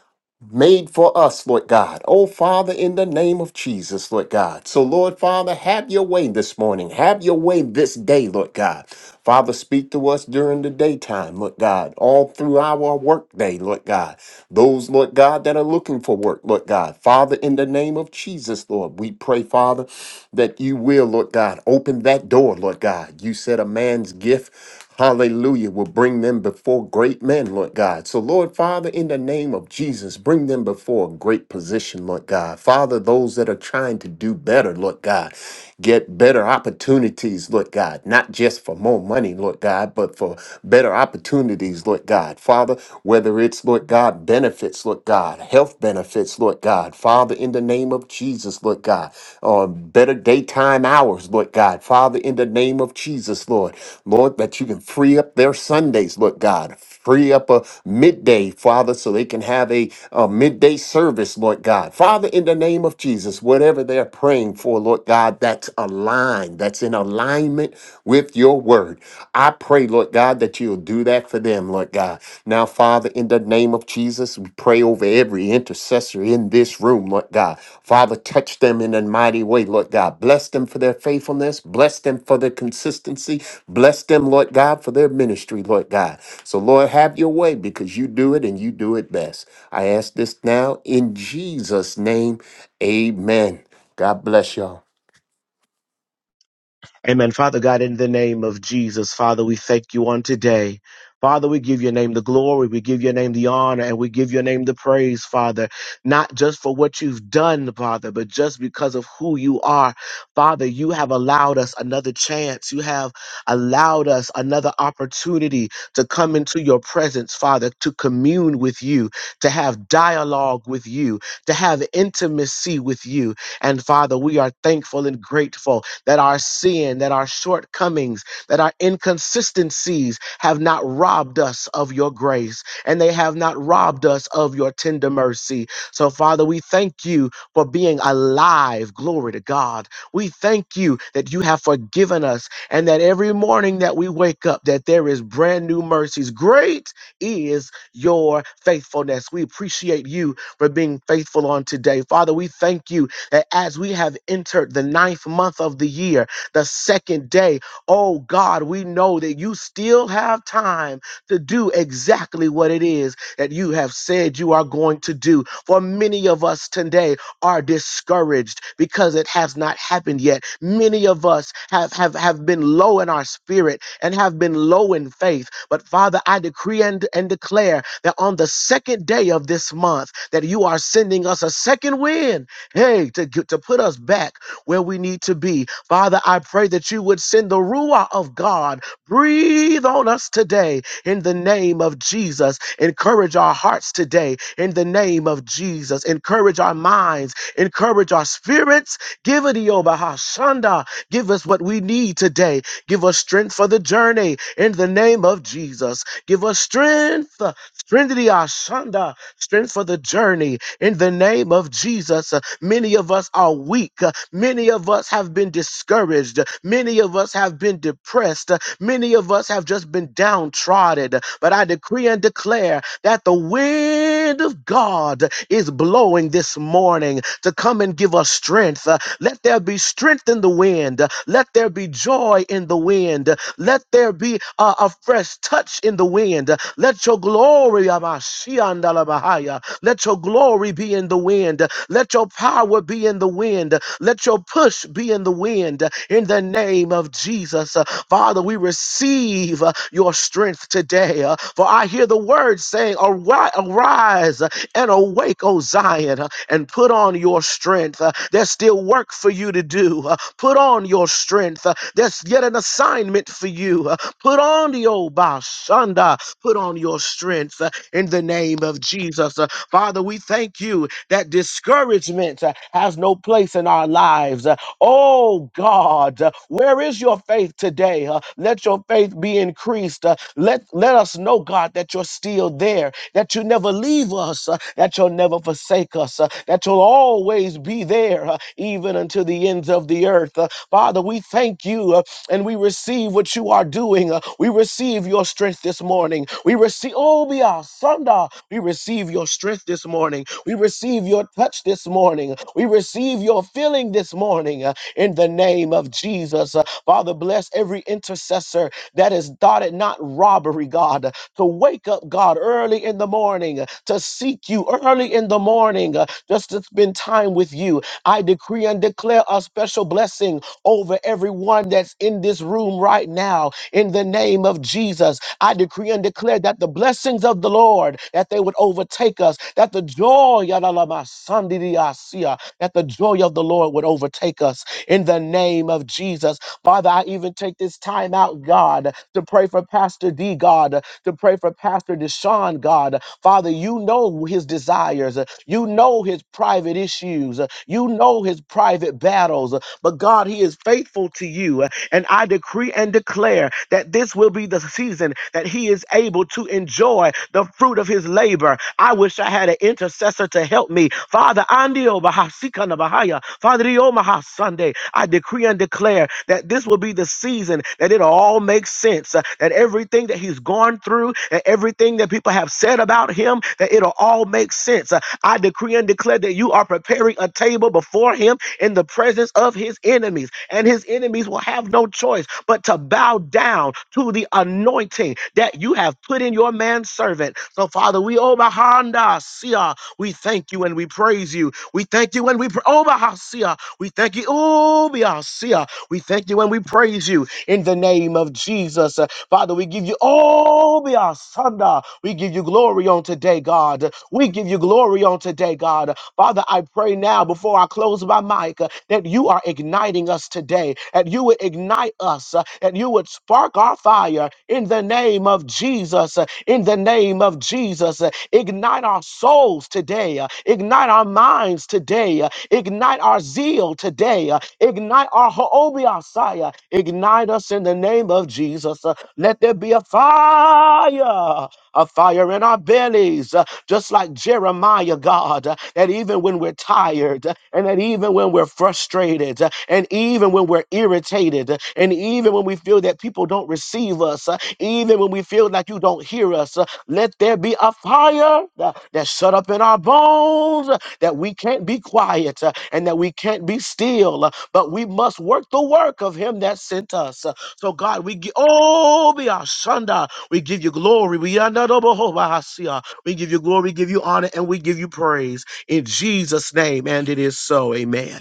E: made for us, Lord God. Oh, Father, in the name of Jesus, Lord God. So, Lord Father, have your way this morning. Have your way this day, Lord God. Father, speak to us during the daytime, Lord God, all through our workday, Lord God. Those, Lord God, that are looking for work, Lord God. Father, in the name of Jesus, Lord, we pray, Father, that you will, Lord God, open that door, Lord God. You said a man's gift. Hallelujah. Will bring them before great men, Lord God. So, Lord Father, in the name of Jesus, bring them before a great position, Lord God. Father, those that are trying to do better, Lord God, get better opportunities, Lord God, not just for more money, Lord God, but for better opportunities, Lord God. Father, whether it's, Lord God, benefits, Lord God, health benefits, Lord God. Father, in the name of Jesus, Lord God, on better daytime hours, Lord God. Father, in the name of Jesus, Lord, Lord, that you can free up their Sundays, Lord God. Free up a midday, Father, so they can have a, a midday service, Lord God. Father, in the name of Jesus, whatever they're praying for, Lord God, that's aligned, that's in alignment with your word. I pray, Lord God, that you'll do that for them them, Lord God. Now, Father, in the name of Jesus, we pray over every intercessor in this room, Lord God. Father, touch them in a mighty way, Lord God. Bless them for their faithfulness. Bless them for their consistency. Bless them, Lord God, for their ministry, Lord God. So, Lord, have your way because you do it and you do it best. I ask this now in Jesus' name. Amen. God bless y'all.
F: Amen. Father God, in the name of Jesus, Father, we thank you on today. Father, we give your name the glory, we give your name the honor, and we give your name the praise, Father, not just for what you've done, Father, but just because of who you are. Father, you have allowed us another chance. You have allowed us another opportunity to come into your presence, Father, to commune with you, to have dialogue with you, to have intimacy with you. And Father, we are thankful and grateful that our sin, that our shortcomings, that our inconsistencies have not robbed us of your grace and they have not robbed us of your tender mercy. So, Father, we thank you for being alive. Glory to God. We thank you that you have forgiven us and that every morning that we wake up that there is brand new mercies. Great is your faithfulness. We appreciate you for being faithful on today. Father, we thank you that as we have entered the ninth month of the year, the second day, oh God, we know that you still have time to do exactly what it is that you have said you are going to do. For many of us today are discouraged because it has not happened yet. Many of us have, have, have been low in our spirit and have been low in faith. But Father, I decree and, and declare that on the second day of this month, that you are sending us a second wind hey, to, get- to put us back where we need to be. Father, I pray that you would send the Ruah of God. Breathe on us today in the name of Jesus. Encourage our hearts today in the name of Jesus. Encourage our minds. Encourage our spirits. Give it Bahashanda. Give us what we need today. Give us strength for the journey in the name of Jesus. Give us strength. Strength Ashanda. Strength for the journey in the name of Jesus. Many of us are weak. Many of us have been discouraged. Many of us have been depressed. Many of us have just been downtrodden. But I decree and declare that the wind of God is blowing this morning to come and give us strength. Uh, Let there be strength in the wind. Let there be joy in the wind. Let there be a, a fresh touch in the wind. Let your glory, Amashiandalabahaya, let your glory be in the wind. Let your power be in the wind. Let your push be in the wind. In the name of Jesus, Uh, Father, we receive uh, your strength today. Uh, For I hear the word saying, "Ari- Arise uh, and awake, O Zion, uh, and put on your strength. Uh, There's still work for you to do. Uh, Put on your strength. Uh, There's yet an assignment for you. Uh, Put on the old Bashanda. Put on your strength uh, in the name of Jesus. Father, we thank you that discouragement uh, has no place in our lives. Uh, Oh God, uh, where is your faith today? Uh, Let your faith be increased. Uh, Let let us know, God, that you're still there, that you never leave us, uh, that you'll never forsake us, uh, that you'll always be there, uh, even until the ends of the earth. Uh, Father, we thank you uh, and we receive what you are doing. Uh, We receive your strength this morning. We receive, oh, be our Sunda. We receive your strength this morning. We receive your touch this morning. We receive your feeling this morning uh, in the name of Jesus. Uh, Father, bless every intercessor that is dotted, not robbery, God, uh, to wake up, God, early in the morning, uh, to seek you early in the morning, uh, just to spend time with you. I decree and declare a special blessing over everyone that's in this room right now. In the name of Jesus, I decree and declare that the blessings of the Lord, that they would overtake us, that the joy, yadalamasandidiasia, that the joy of the Lord would overtake us in the name of Jesus. Father, I even take this time out, God, to pray for Pastor D, God, to pray for Pastor Deshaun, God. Father, you know his desires. You know his private issues. You know his private battles. But God, He is faithful to you. And I decree and declare that this will be the season that He is able to enjoy the fruit of His labor. I wish I had an intercessor to help me. Father, Andio Bahasikana Bahaya, Father Diomaha Sunday, I decree and declare that this will be the season that it'll all make sense, uh, that everything that he's gone through and everything that people have said about him, that it'll all make sense. Uh, I decree and declare that you are preparing a table before him in the presence of his enemies, and his enemies will have no choice but to bow down to the anointing that you have put in your man's servant. So, Father, we obahanda sia. We thank you and we praise you. We thank you and we pra- obaha sia. We thank you. obia sia. We thank you and we praise you in the name of Jesus. Uh, Father, we give you obia sanda. We give you glory on today, God. We give you glory on today, God. Father, I pray now before I close my mic uh, that you are igniting us today, that you would ignite us, uh, that you would spark our fire in the name of Jesus, uh, in the name of Jesus. uh, Ignite our souls today, uh, ignite our minds today, uh, ignite our zeal today, uh, ignite our ho'obiasaya, ignite us in the name of Jesus. uh, Let there be a fire, a fire in our bellies, uh, just like Jeremiah, God, uh, that even when we're tired, uh, and that even when we're frustrated, uh, and even when we're irritated, uh, and even when we feel that people don't receive us, uh, even when we feel like you don't hear us, uh, let there be a fire uh, that's shut up in our bones, uh, that we can't be quiet, uh, and that we can't be still, uh, but we must work the work of Him that sent us. Uh, So, God, we give, oh, be our Shunda, we give you glory. We honor the Jehovah. Hashia. We give you glory, we give you honor, and we give you praise in Jesus' name. And it is so. Amen.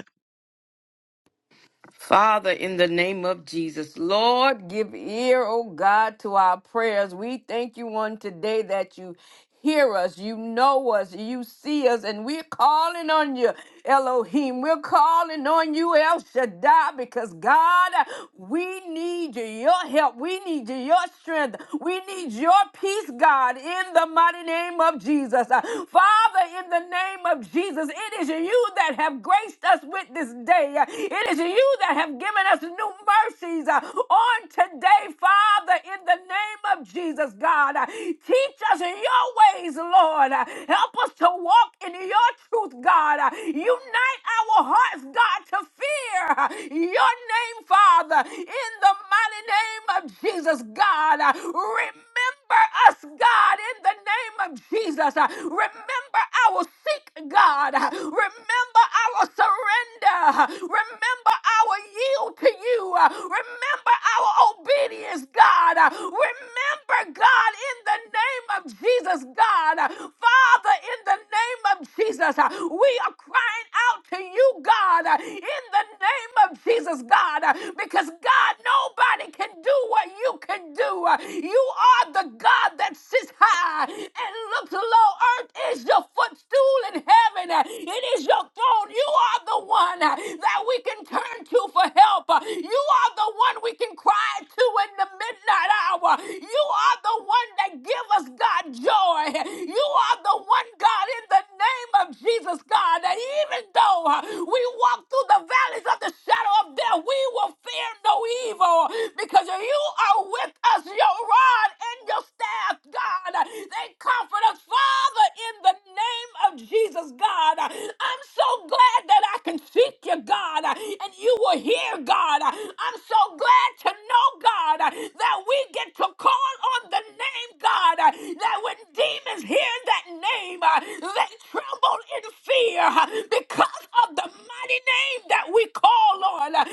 A: Father, in the name of Jesus, Lord, give ear, O God, to our prayers. We thank you on today that you hear us, you know us, you see us, and we're calling on you, Elohim. We're calling on you, El Shaddai, because God, we need you, your help. We need you, your strength. We need your peace, God, in the mighty name of Jesus. Uh, Father, in the name of Jesus, it is you that have graced us with this day today. Uh, It is you that have given us new mercies uh, on today, Father, in the name of Jesus, God. Uh, Teach us your ways, Lord. Uh, Help us to walk in your truth, God. Uh, Unite our hearts, God, to fear uh, your name, Father, in the mighty name of Jesus, God. Uh, Remember us, God, in the name of Jesus. Uh, Remember our seek, God. Uh, Remember our surrender. Uh, Remember our yield to you. Uh, Remember our obedience, God. Uh, Remember, God, in the name of Jesus, God. Uh, Father, in the name of Jesus, uh, we are crying out to you, God, uh, in the name of Jesus, God, uh, because God, nobody can do what you can do. Uh, You are the God that that sits high and looks low. Earth is your footstool in heaven. It is your throne. You are the one that we can turn to for help. You are the one we can cry to in the midnight hour. You are the one that give us God joy. You are the one God in the name of Jesus God that even though uh, we walk through the valleys of the shadow of death, we will fear no evil because you are with us. Your rod God, and your staff, God. They comfort us, Father, in the name of Jesus, God. I'm so glad that I can seek you, God, and you will hear, God. I'm so glad to know, God, that we get to call on the name, God, that when demons hear that name, they tremble in fear because of the mighty name that we call on, that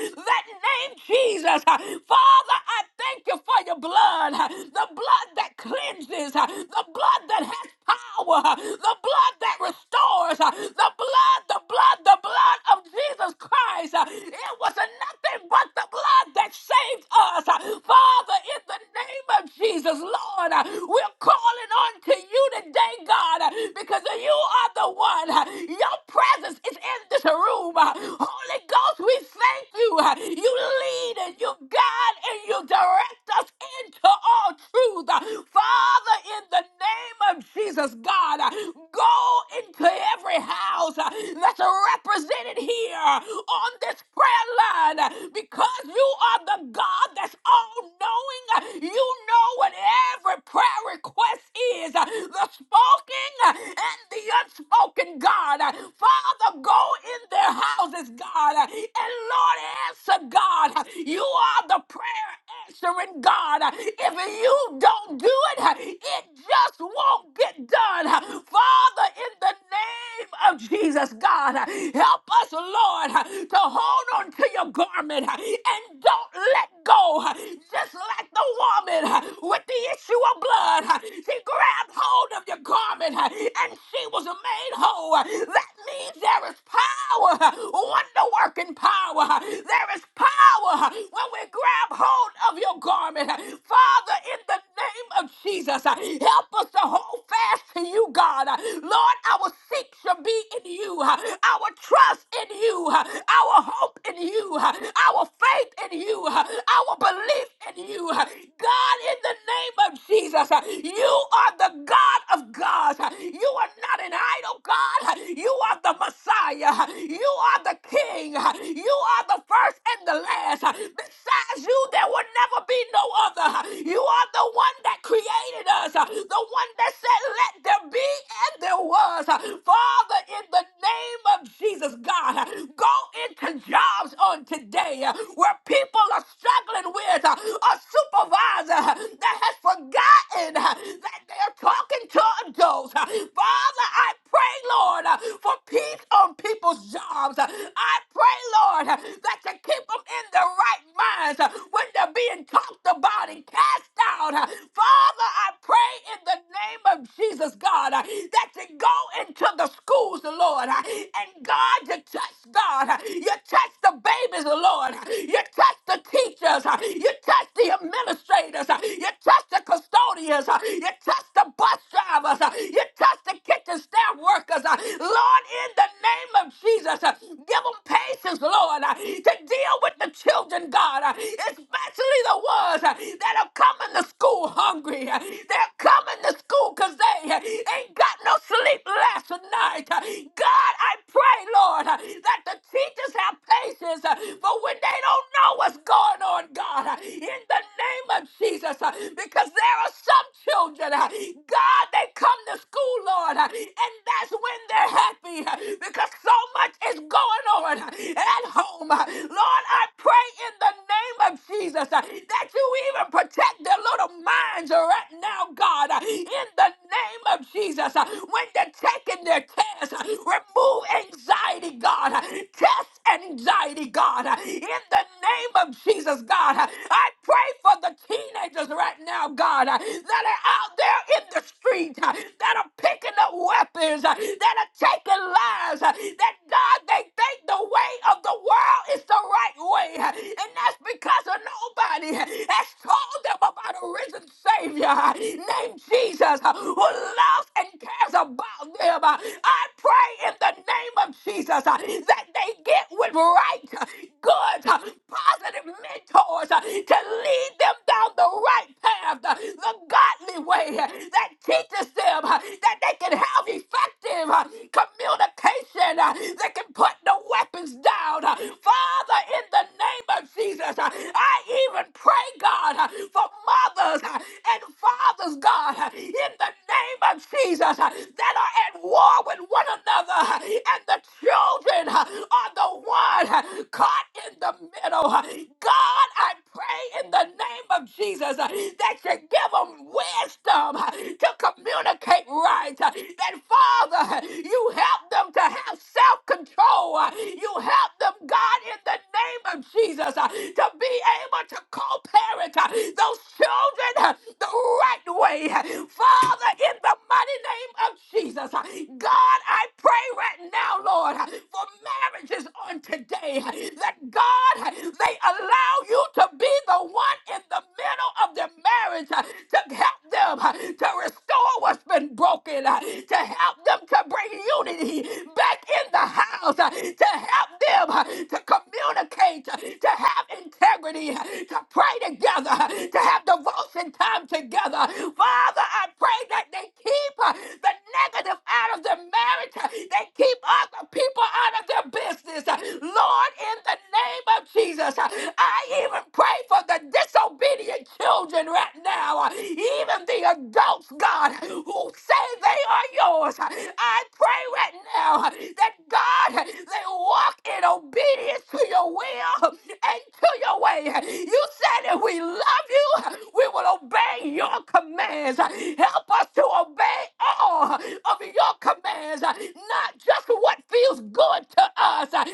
A: name Jesus. Father, I thank you for your blood, uh, the blood that cleanses, uh, the blood that has power, uh, the blood that restores, uh, the blood, the blood, the blood of Jesus Christ. uh, It was nothing but the blood that saved us. Uh, Father, in the name of Jesus, Lord, uh, we're calling on to you today, God, uh, because you are the one. uh, Your presence is in this room. uh, Holy Ghost, we thank you. uh, You lead and you guide and you will direct us into all truth. Father, in the name of Jesus, God, go into every house that's represented here on this prayer line because you are the God that's all knowing. You know what every prayer request is the spoken and the unspoken, God. Father, go in their houses, God, and Lord, answer, God. You are the prayer answering God. If you don't do it, it just won't get done. Father, in the name of Jesus, God, help us, Lord, to hold on to your garment and don't let go. Just like the woman with the issue of blood, she grabbed hold of your garment and she was made whole. That means there is power, wonder working power. There is power when we grab hold of your garment. Father, in the name of Jesus, help us to hold fast to you, God. Lord, our seek shall be in you, our trust in you, our hope in you, our faith in you, our belief in you. God, in the name of Jesus, you are the God of gods. You are not an idol, God. You are the Messiah. You are the King. You are the first and the the last. Besides you, there will never be no other. You are the one that created us, the one that said, Let there be, and there was. Father, in the name of Jesus, God, go into jobs on today where people are struggling with a supervisor that has forgotten that they're talking to adults. Father, I pray, Lord, for peace on people's jobs. I pray, Lord. God, uh, that can keep them in their right minds uh, when they're being talked about and cast out, uh. Father, I pray in the name of Jesus, God, uh, that you go into the schools, Lord, uh, and God, you touch God, uh, you touch the babies, Lord, uh, you touch the teachers, uh, you touch the administrators, uh, you touch the custodians, uh, you touch the bus drivers, uh, you touch the kitchen staff workers, uh, Lord, in the name of Jesus, uh, give Give them patience, Lord, uh, to deal with the children, God, uh, especially the ones uh, that are coming to school hungry. uh, They're coming to school because they uh, ain't got no sleep last night. uh, God, I pray, Lord, uh, that the teachers have patience uh, for when they don't know what's going on, God, uh, in the name of Jesus, uh, because there are some children children. uh, God, they come to school, Lord, uh, and that's when they're happy uh, because so much is going on uh, at home. uh. Lord, I pray in the name of Jesus uh, that you even protect their little minds right now, God, uh, in the name of Jesus. uh, When they're taking their tests, uh, remove anxiety, God. uh, Test anxiety, God, uh, in the name of Jesus, God. uh, I pray for the teenagers right now, God. uh, that are out there in the street uh, that are picking up weapons, uh, that are taking lives, uh, that God, they think the way of the world is the right way. uh, And that's because of nobody uh, has told them about a risen Savior uh, named Jesus uh, who loves and cares about them. Uh, I pray in the name of Jesus uh, that they get with right, uh, good, uh, positive mentors uh, to lead them down the right path. uh, the godly way that teaches them uh, that they can have effective uh, communication that can put the weapons down. Uh, Father, in the name of Jesus, uh, I even pray, God, uh, for mothers uh, and fathers, God, uh, in the name of Jesus, uh, that are at war with one another, uh, and the children uh, are the one uh, caught in the middle. Uh, God, I pray in the name of Jesus uh, that should give them wisdom to communicate right. That, Father, you help them to have self control. You help them, God, in the name of Jesus, to be able to co parent those children the right way. Father, in the mighty name of Jesus, God, I pray right now, Lord, for marriages on today that God, they allow you to be the one in the middle of the in marriage uh, to help them uh, to restore what's been broken, uh, to help them to bring unity back in the house, uh, to help them uh, to communicate, uh, to have integrity, uh, to pray together, uh, to have devotion time together. Father, I pray that they keep uh, the negative out of their marriage, uh, they keep other people out of their business. Uh, Lord, in the name of Jesus, uh, I even pray for the disobedient children right now, uh, even the adults, God, who say they are yours. I pray right now uh, that God, they walk in obedience to your will and to your way. You said if we love you, we will obey your commands. Help us to obey all of your commands, not just what feels good to us, not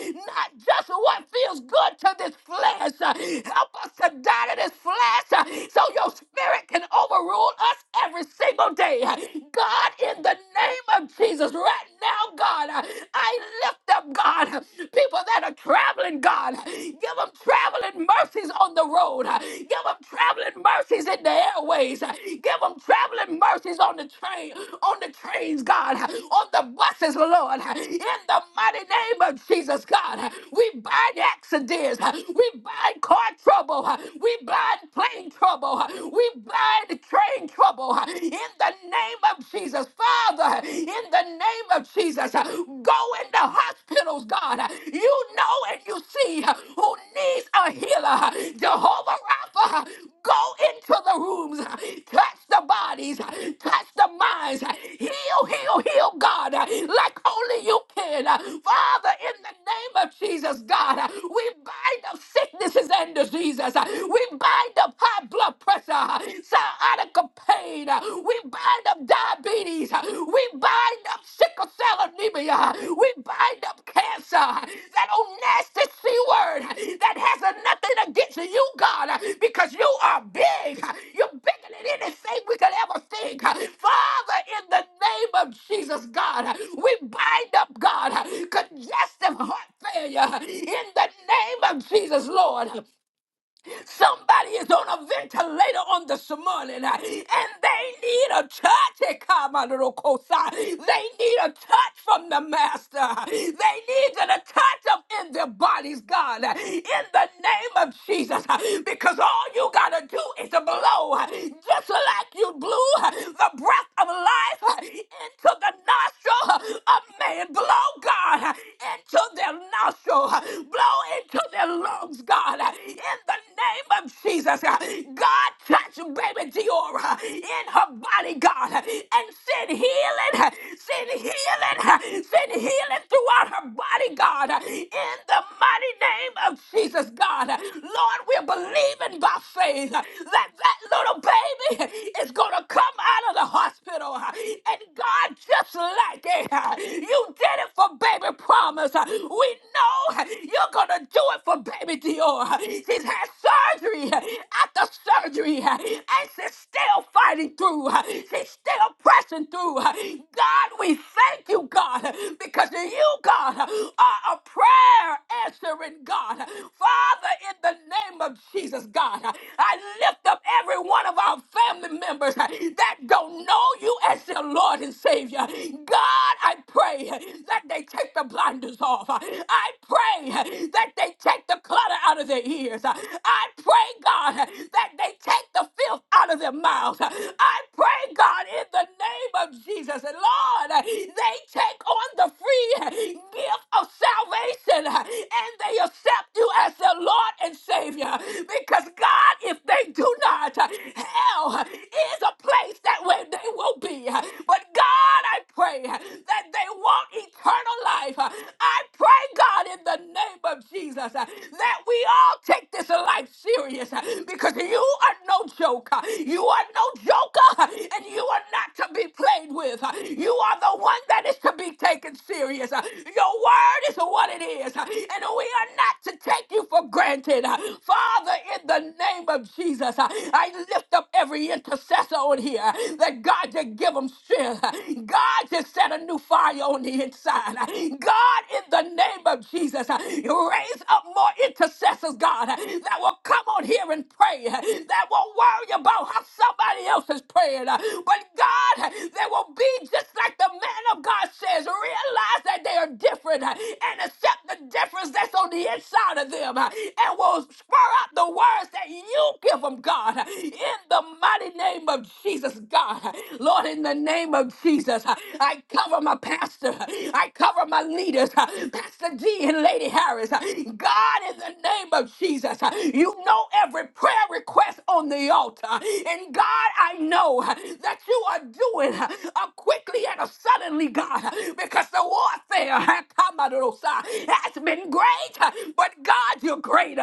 A: just what feels good to this flesh. Help us to die to this flesh flesh uh, so your spirit can overrule us every single day. Uh, God, in the name of Jesus, right now, God, uh, I lift up, God, uh, people that are traveling, God. uh, Give them traveling mercies on the road. uh, Give them traveling mercies in the airways. uh, Give them traveling mercies on the train, on the trains, God, uh, on the buses, Lord. uh, In the mighty name of Jesus, God, uh, we bind accidents. uh, We bind car trouble. uh, we bind plane trouble. We bind train trouble. In the name of Jesus, Father, in the name of Jesus, go into hospitals, God. You know and you see who needs a healer. Jehovah Rapha, go into the rooms, touch the bodies, touch the minds, heal, heal, heal, God, like only you can. Father, in the name of Jesus, God, we bind up sicknesses and diseases. Jesus. Uh, We bind up high blood pressure, uh, sciatic pain. Uh, We bind up diabetes. Uh, We bind up sickle cell anemia. Uh, We bind up cancer. Uh, That old nasty C word uh, that has nothing against you, God, uh, because you are big. Uh, You're bigger than anything we could ever think. Uh, Father, in the name of Jesus, God, uh, we bind up, God, uh, congestive heart failure uh, in the name of Jesus, Lord. Somebody is on a ventilator on this morning uh, and they need a touch. Hey, come on, little cosi. They need a touch from the Master. They need a touch of in their bodies, God, uh, in the name of Jesus. uh, Because all you got to do is to blow, uh, just like you blew uh, the breath of life uh, into the nostril uh, of man. Blow, God, uh, into their nostril. uh, Blow into to their lungs, God, in the name of Jesus. God, touch baby Diora in her body, God, and send healing, send healing, send healing throughout her body, God, in the mighty name of Jesus, God. Lord, we're believing by faith that that little baby is going to come out of the hospital. And God, just like it, you did it for baby promise. We know you're going to do it for baby Dior. She's had surgery after surgery, and she's still fighting through. She's still pressing through. God, we thank you, God, because you, God, are a prayer answering God. Father, in the name of Jesus, God, I lift up every one of our family members that don't know you as their Lord and Savior. God, I pray that they take the blinders off. I pray that they take the clutter out of their ears. I pray, God, that they take the filth out of their mouths. I pray, God, in the name of Jesus, and Lord, they take on the free gift of salvation and they accept you as their Lord and Savior. Because, God, if they do not, hell is a place that where they will be. But God, I pray that they want eternal life. I pray, God, in the name of Jesus, that we all take this life serious because you are no joke. You are no joker and you are not to be played with. You are the one that is to be taken serious. Your word is what it is, and we are not to take you for granted. Father, in the name of Jesus, I lift up every intercessor intercessor on here. That God just give them strength. God just set a new fire on the inside. God, in the name of Jesus, raise up more intercessors, God, that will come on here and pray. That won't worry about how somebody else is praying. But God, there will be be just like the man of God says, realize that they are different uh, and accept the difference that's on the inside of them uh, and will spur out the words that you give them, God, uh, in the mighty name of Jesus, God. Uh, Lord, in the name of Jesus, uh, I cover my pastor, uh, I cover my leaders, uh, Pastor D and Lady Harris. uh, God, in the name of Jesus, uh, you know every prayer request on the altar. And God, I know that you are doing a quickly and a suddenly, God, because the warfare has been great, but God, you're greater.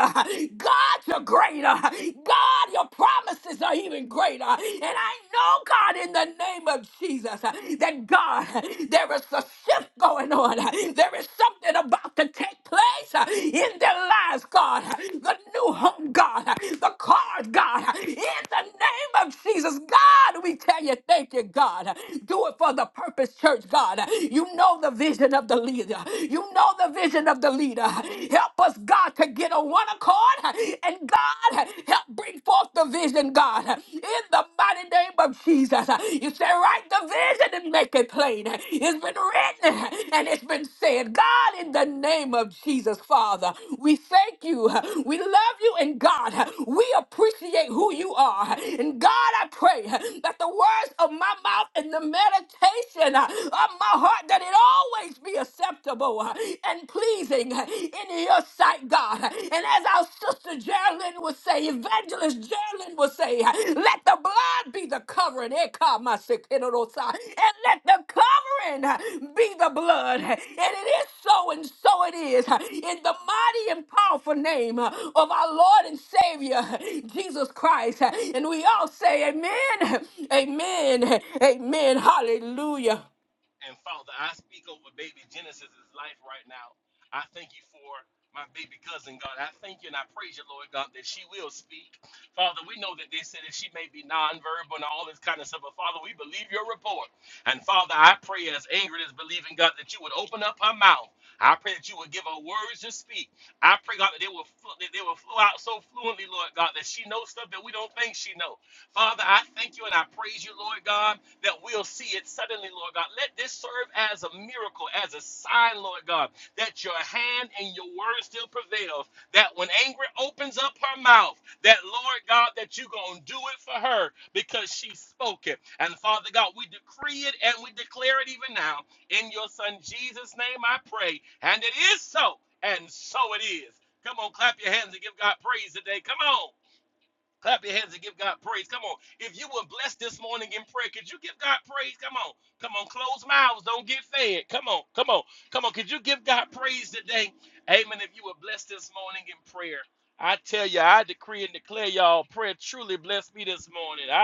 A: God, you're greater. God, your promises are even greater. And I know, God, in the name of Jesus, that God, there is a shift going on. There is something about to take place uh, in their lives, God. The new home, God. The cars, God. In the name of Jesus, God, we tell you, thank you, God. Do it for the purpose, church, God. You know the vision of the leader. You know the vision of the leader. Help us, God, to get on one accord. And God, help bring forth the vision, God. In the mighty name of Jesus. You say, write the vision and make it plain. It's been written and it's been said. God, in the name of Jesus, Father, we thank you. We love you, and God, we appreciate who you are. And God, I pray that the words of my mouth and the meditation of my heart, that it always be acceptable and pleasing in your sight, God. God. And as our sister Geraldine would say, evangelist Geraldine would say, let the blood be the covering. Eh, come, my sick, eh, no, no, And let the covering be the blood. And it is so, and so it is. In the mighty and powerful name of our Lord and Savior, Jesus Christ. And we all say, Amen, Amen, Amen, Hallelujah.
B: And Father, I speak over baby Genesis's life right now. I thank you for my baby cousin, God. I thank you and I praise you, Lord God, that she will speak. Father, we know that they said that she may be nonverbal and all this kind of stuff, but Father, we believe your report. And Father, I pray as Ingrid is believing, God, that you would open up her mouth. I pray that you would give her words to speak. I pray, God, that they will fl- that they will flow out so fluently, Lord God, that she knows stuff that we don't think she know. Father, I thank you and I praise you, Lord God that we'll see it suddenly, Lord God. Let this serve as a miracle, as a sign, Lord God, that your hand and your word still prevails. That when anger opens up her mouth, that Lord God, that you're going to do it for her because she spoke it. And Father God, we decree it and we declare it even now. In your son Jesus' name I pray. And it is so. And so it is. Come on, clap your hands and give God praise today. Come on. Clap your hands and give God praise. Come on. If you were blessed this morning in prayer, could you give God praise?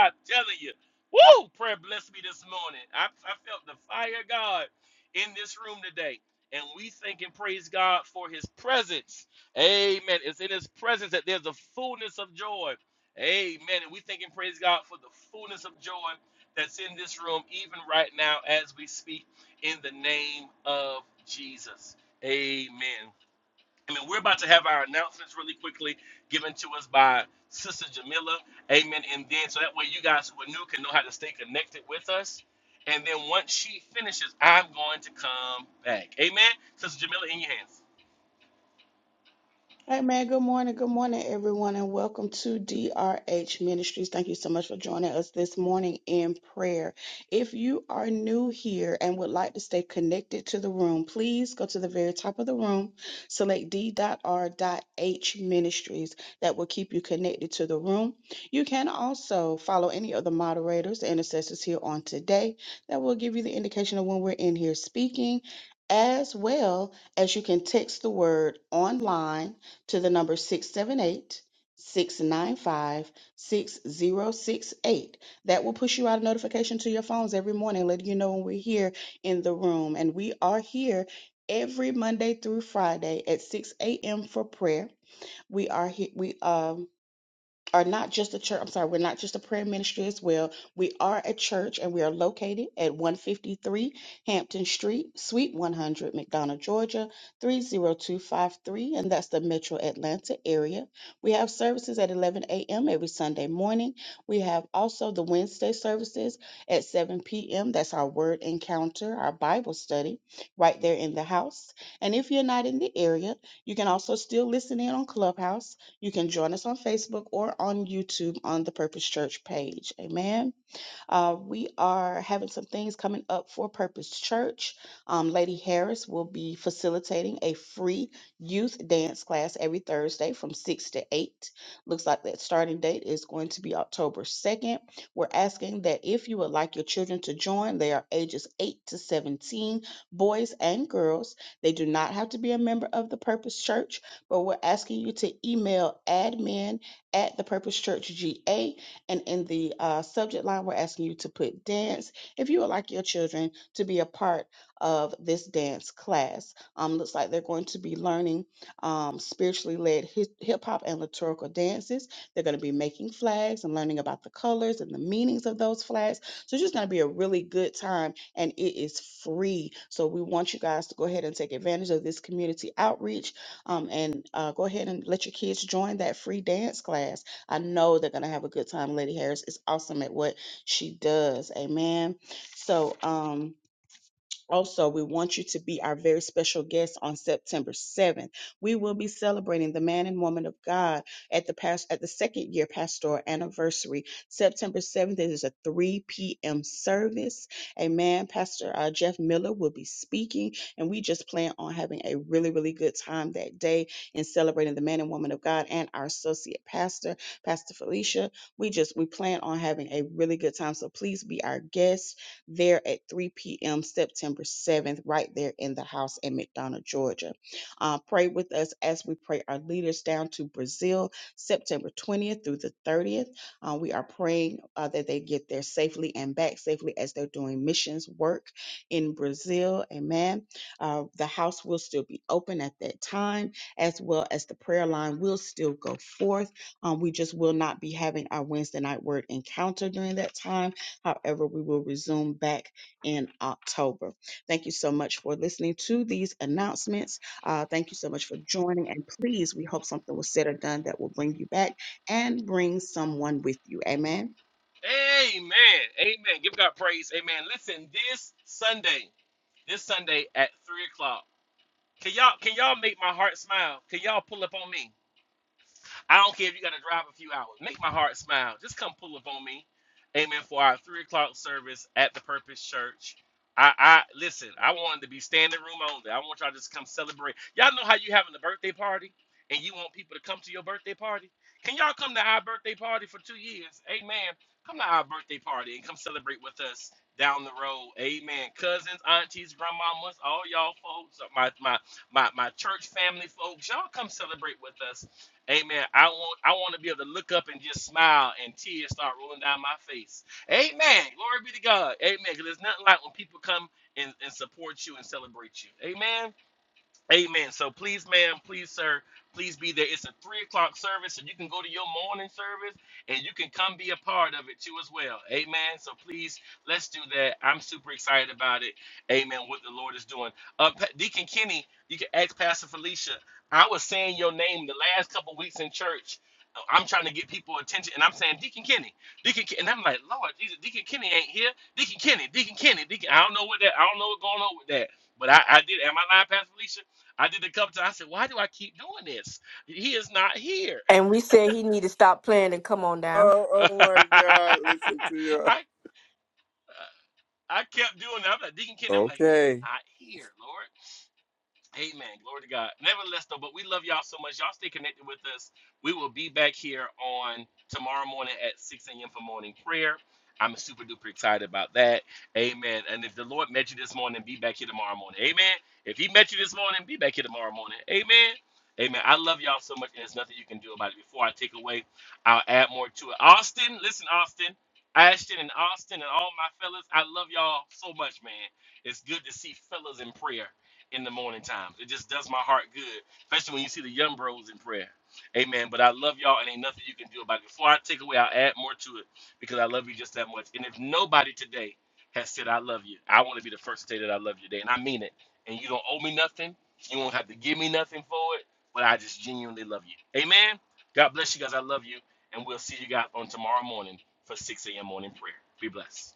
B: am Amen. And we thank and praise God for the fullness of joy that's in this room, even right now as we speak, in the name of Jesus. Amen. Amen. We're about to have our announcements really quickly given to us by Sister Jamila. Amen. And then so that way you guys who are new can know how to stay connected with us. And then once she finishes, I'm going to come back. Amen. Sister Jamila, in your hands.
G: Hey man, good morning. Good morning, everyone, and welcome to DRH Ministries. Thank you so much for joining us this morning in prayer. If you are new here and would like to stay connected to the room, please go to the very top of the room, select D.R.H Ministries. That will keep you connected to the room. You can also follow any of the moderators, the intercessors here on today. That will give you the indication of when we're in here speaking, as well as you can text the word online to the number 678 695 6068. That will push you out a notification to your phones every morning, letting you know when we're here in the room. And we are here every Monday through Friday at 6 a.m. for prayer. We are here, we um are not just a church. I'm sorry, we're not just a prayer ministry as well. We are a church and we are located at 153 Hampton Street, Suite 100, McDonough, Georgia, 30253, and that's the metro Atlanta area. We have services at 11 a.m. every Sunday morning. We have also the Wednesday services at 7 p.m. That's our word encounter, our Bible study right there in the house. And if you're not in the area, you can also still listen in on Clubhouse. You can join us on Facebook or on YouTube on the Purpose Church page. Amen. Uh, we are having some things coming up for Purpose Church. Um, Lady Harris will be facilitating a free youth dance class every Thursday from 6 to 8. Looks like that starting date is going to be October 2nd. We're asking that if you would like your children to join, they are ages 8 to 17, boys and girls. They do not have to be a member of the Purpose Church, but we're asking you to email admin at the and in the uh, subject line, we're asking you to put dance if you would like your children to be a part of this dance class. Um, looks like they're going to be learning um, spiritually led hip hop and liturgical dances. They're going to be making flags and learning about the colors and the meanings of those flags. So it's just going to be a really good time and it is free. So we want you guys to go ahead and take advantage of this community outreach um, and uh, go ahead and let your kids join that free dance class. I know they're going to have a good time. Lady Harris is awesome at what she does. Amen. So, um, also, we want you to be our very special guest on September 7th. We will be celebrating the man and woman of God at the past at the second year pastoral anniversary. September 7th it is a 3 p.m. service. Amen. Pastor uh, Jeff Miller will be speaking, and we just plan on having a really, really good time that day in celebrating the man and woman of God and our associate pastor, Pastor Felicia. We just we plan on having a really good time. So please be our guest there at 3 p.m. September 7th, right there in the house in McDonough, Georgia. Uh, pray with us as we pray our leaders down to Brazil September 20th through the 30th. Uh, we are praying uh, that they get there safely and back safely as they're doing missions work in Brazil. Amen. Uh, the house will still be open at that time, as well as the prayer line will still go forth. Um, we just will not be having our Wednesday night word encounter during that time However, we will resume back in October. Thank you so much for listening to these announcements. Uh, thank you so much for joining. And please, we hope something was said or done that will bring you back and bring someone with you. Amen.
A: And we said he need to stop playing and come on down.
C: Oh, oh my God. Listen to you. Okay.
B: Has said, I love you. I want to be the first to say that I love you today, and I mean it. And you don't owe me nothing nothing. You won't have to give me nothing for it, but I just genuinely love you. Amen. God bless you guys. I love you. And we'll see you guys on tomorrow morning for 6 a.m. morning prayer. Be blessed.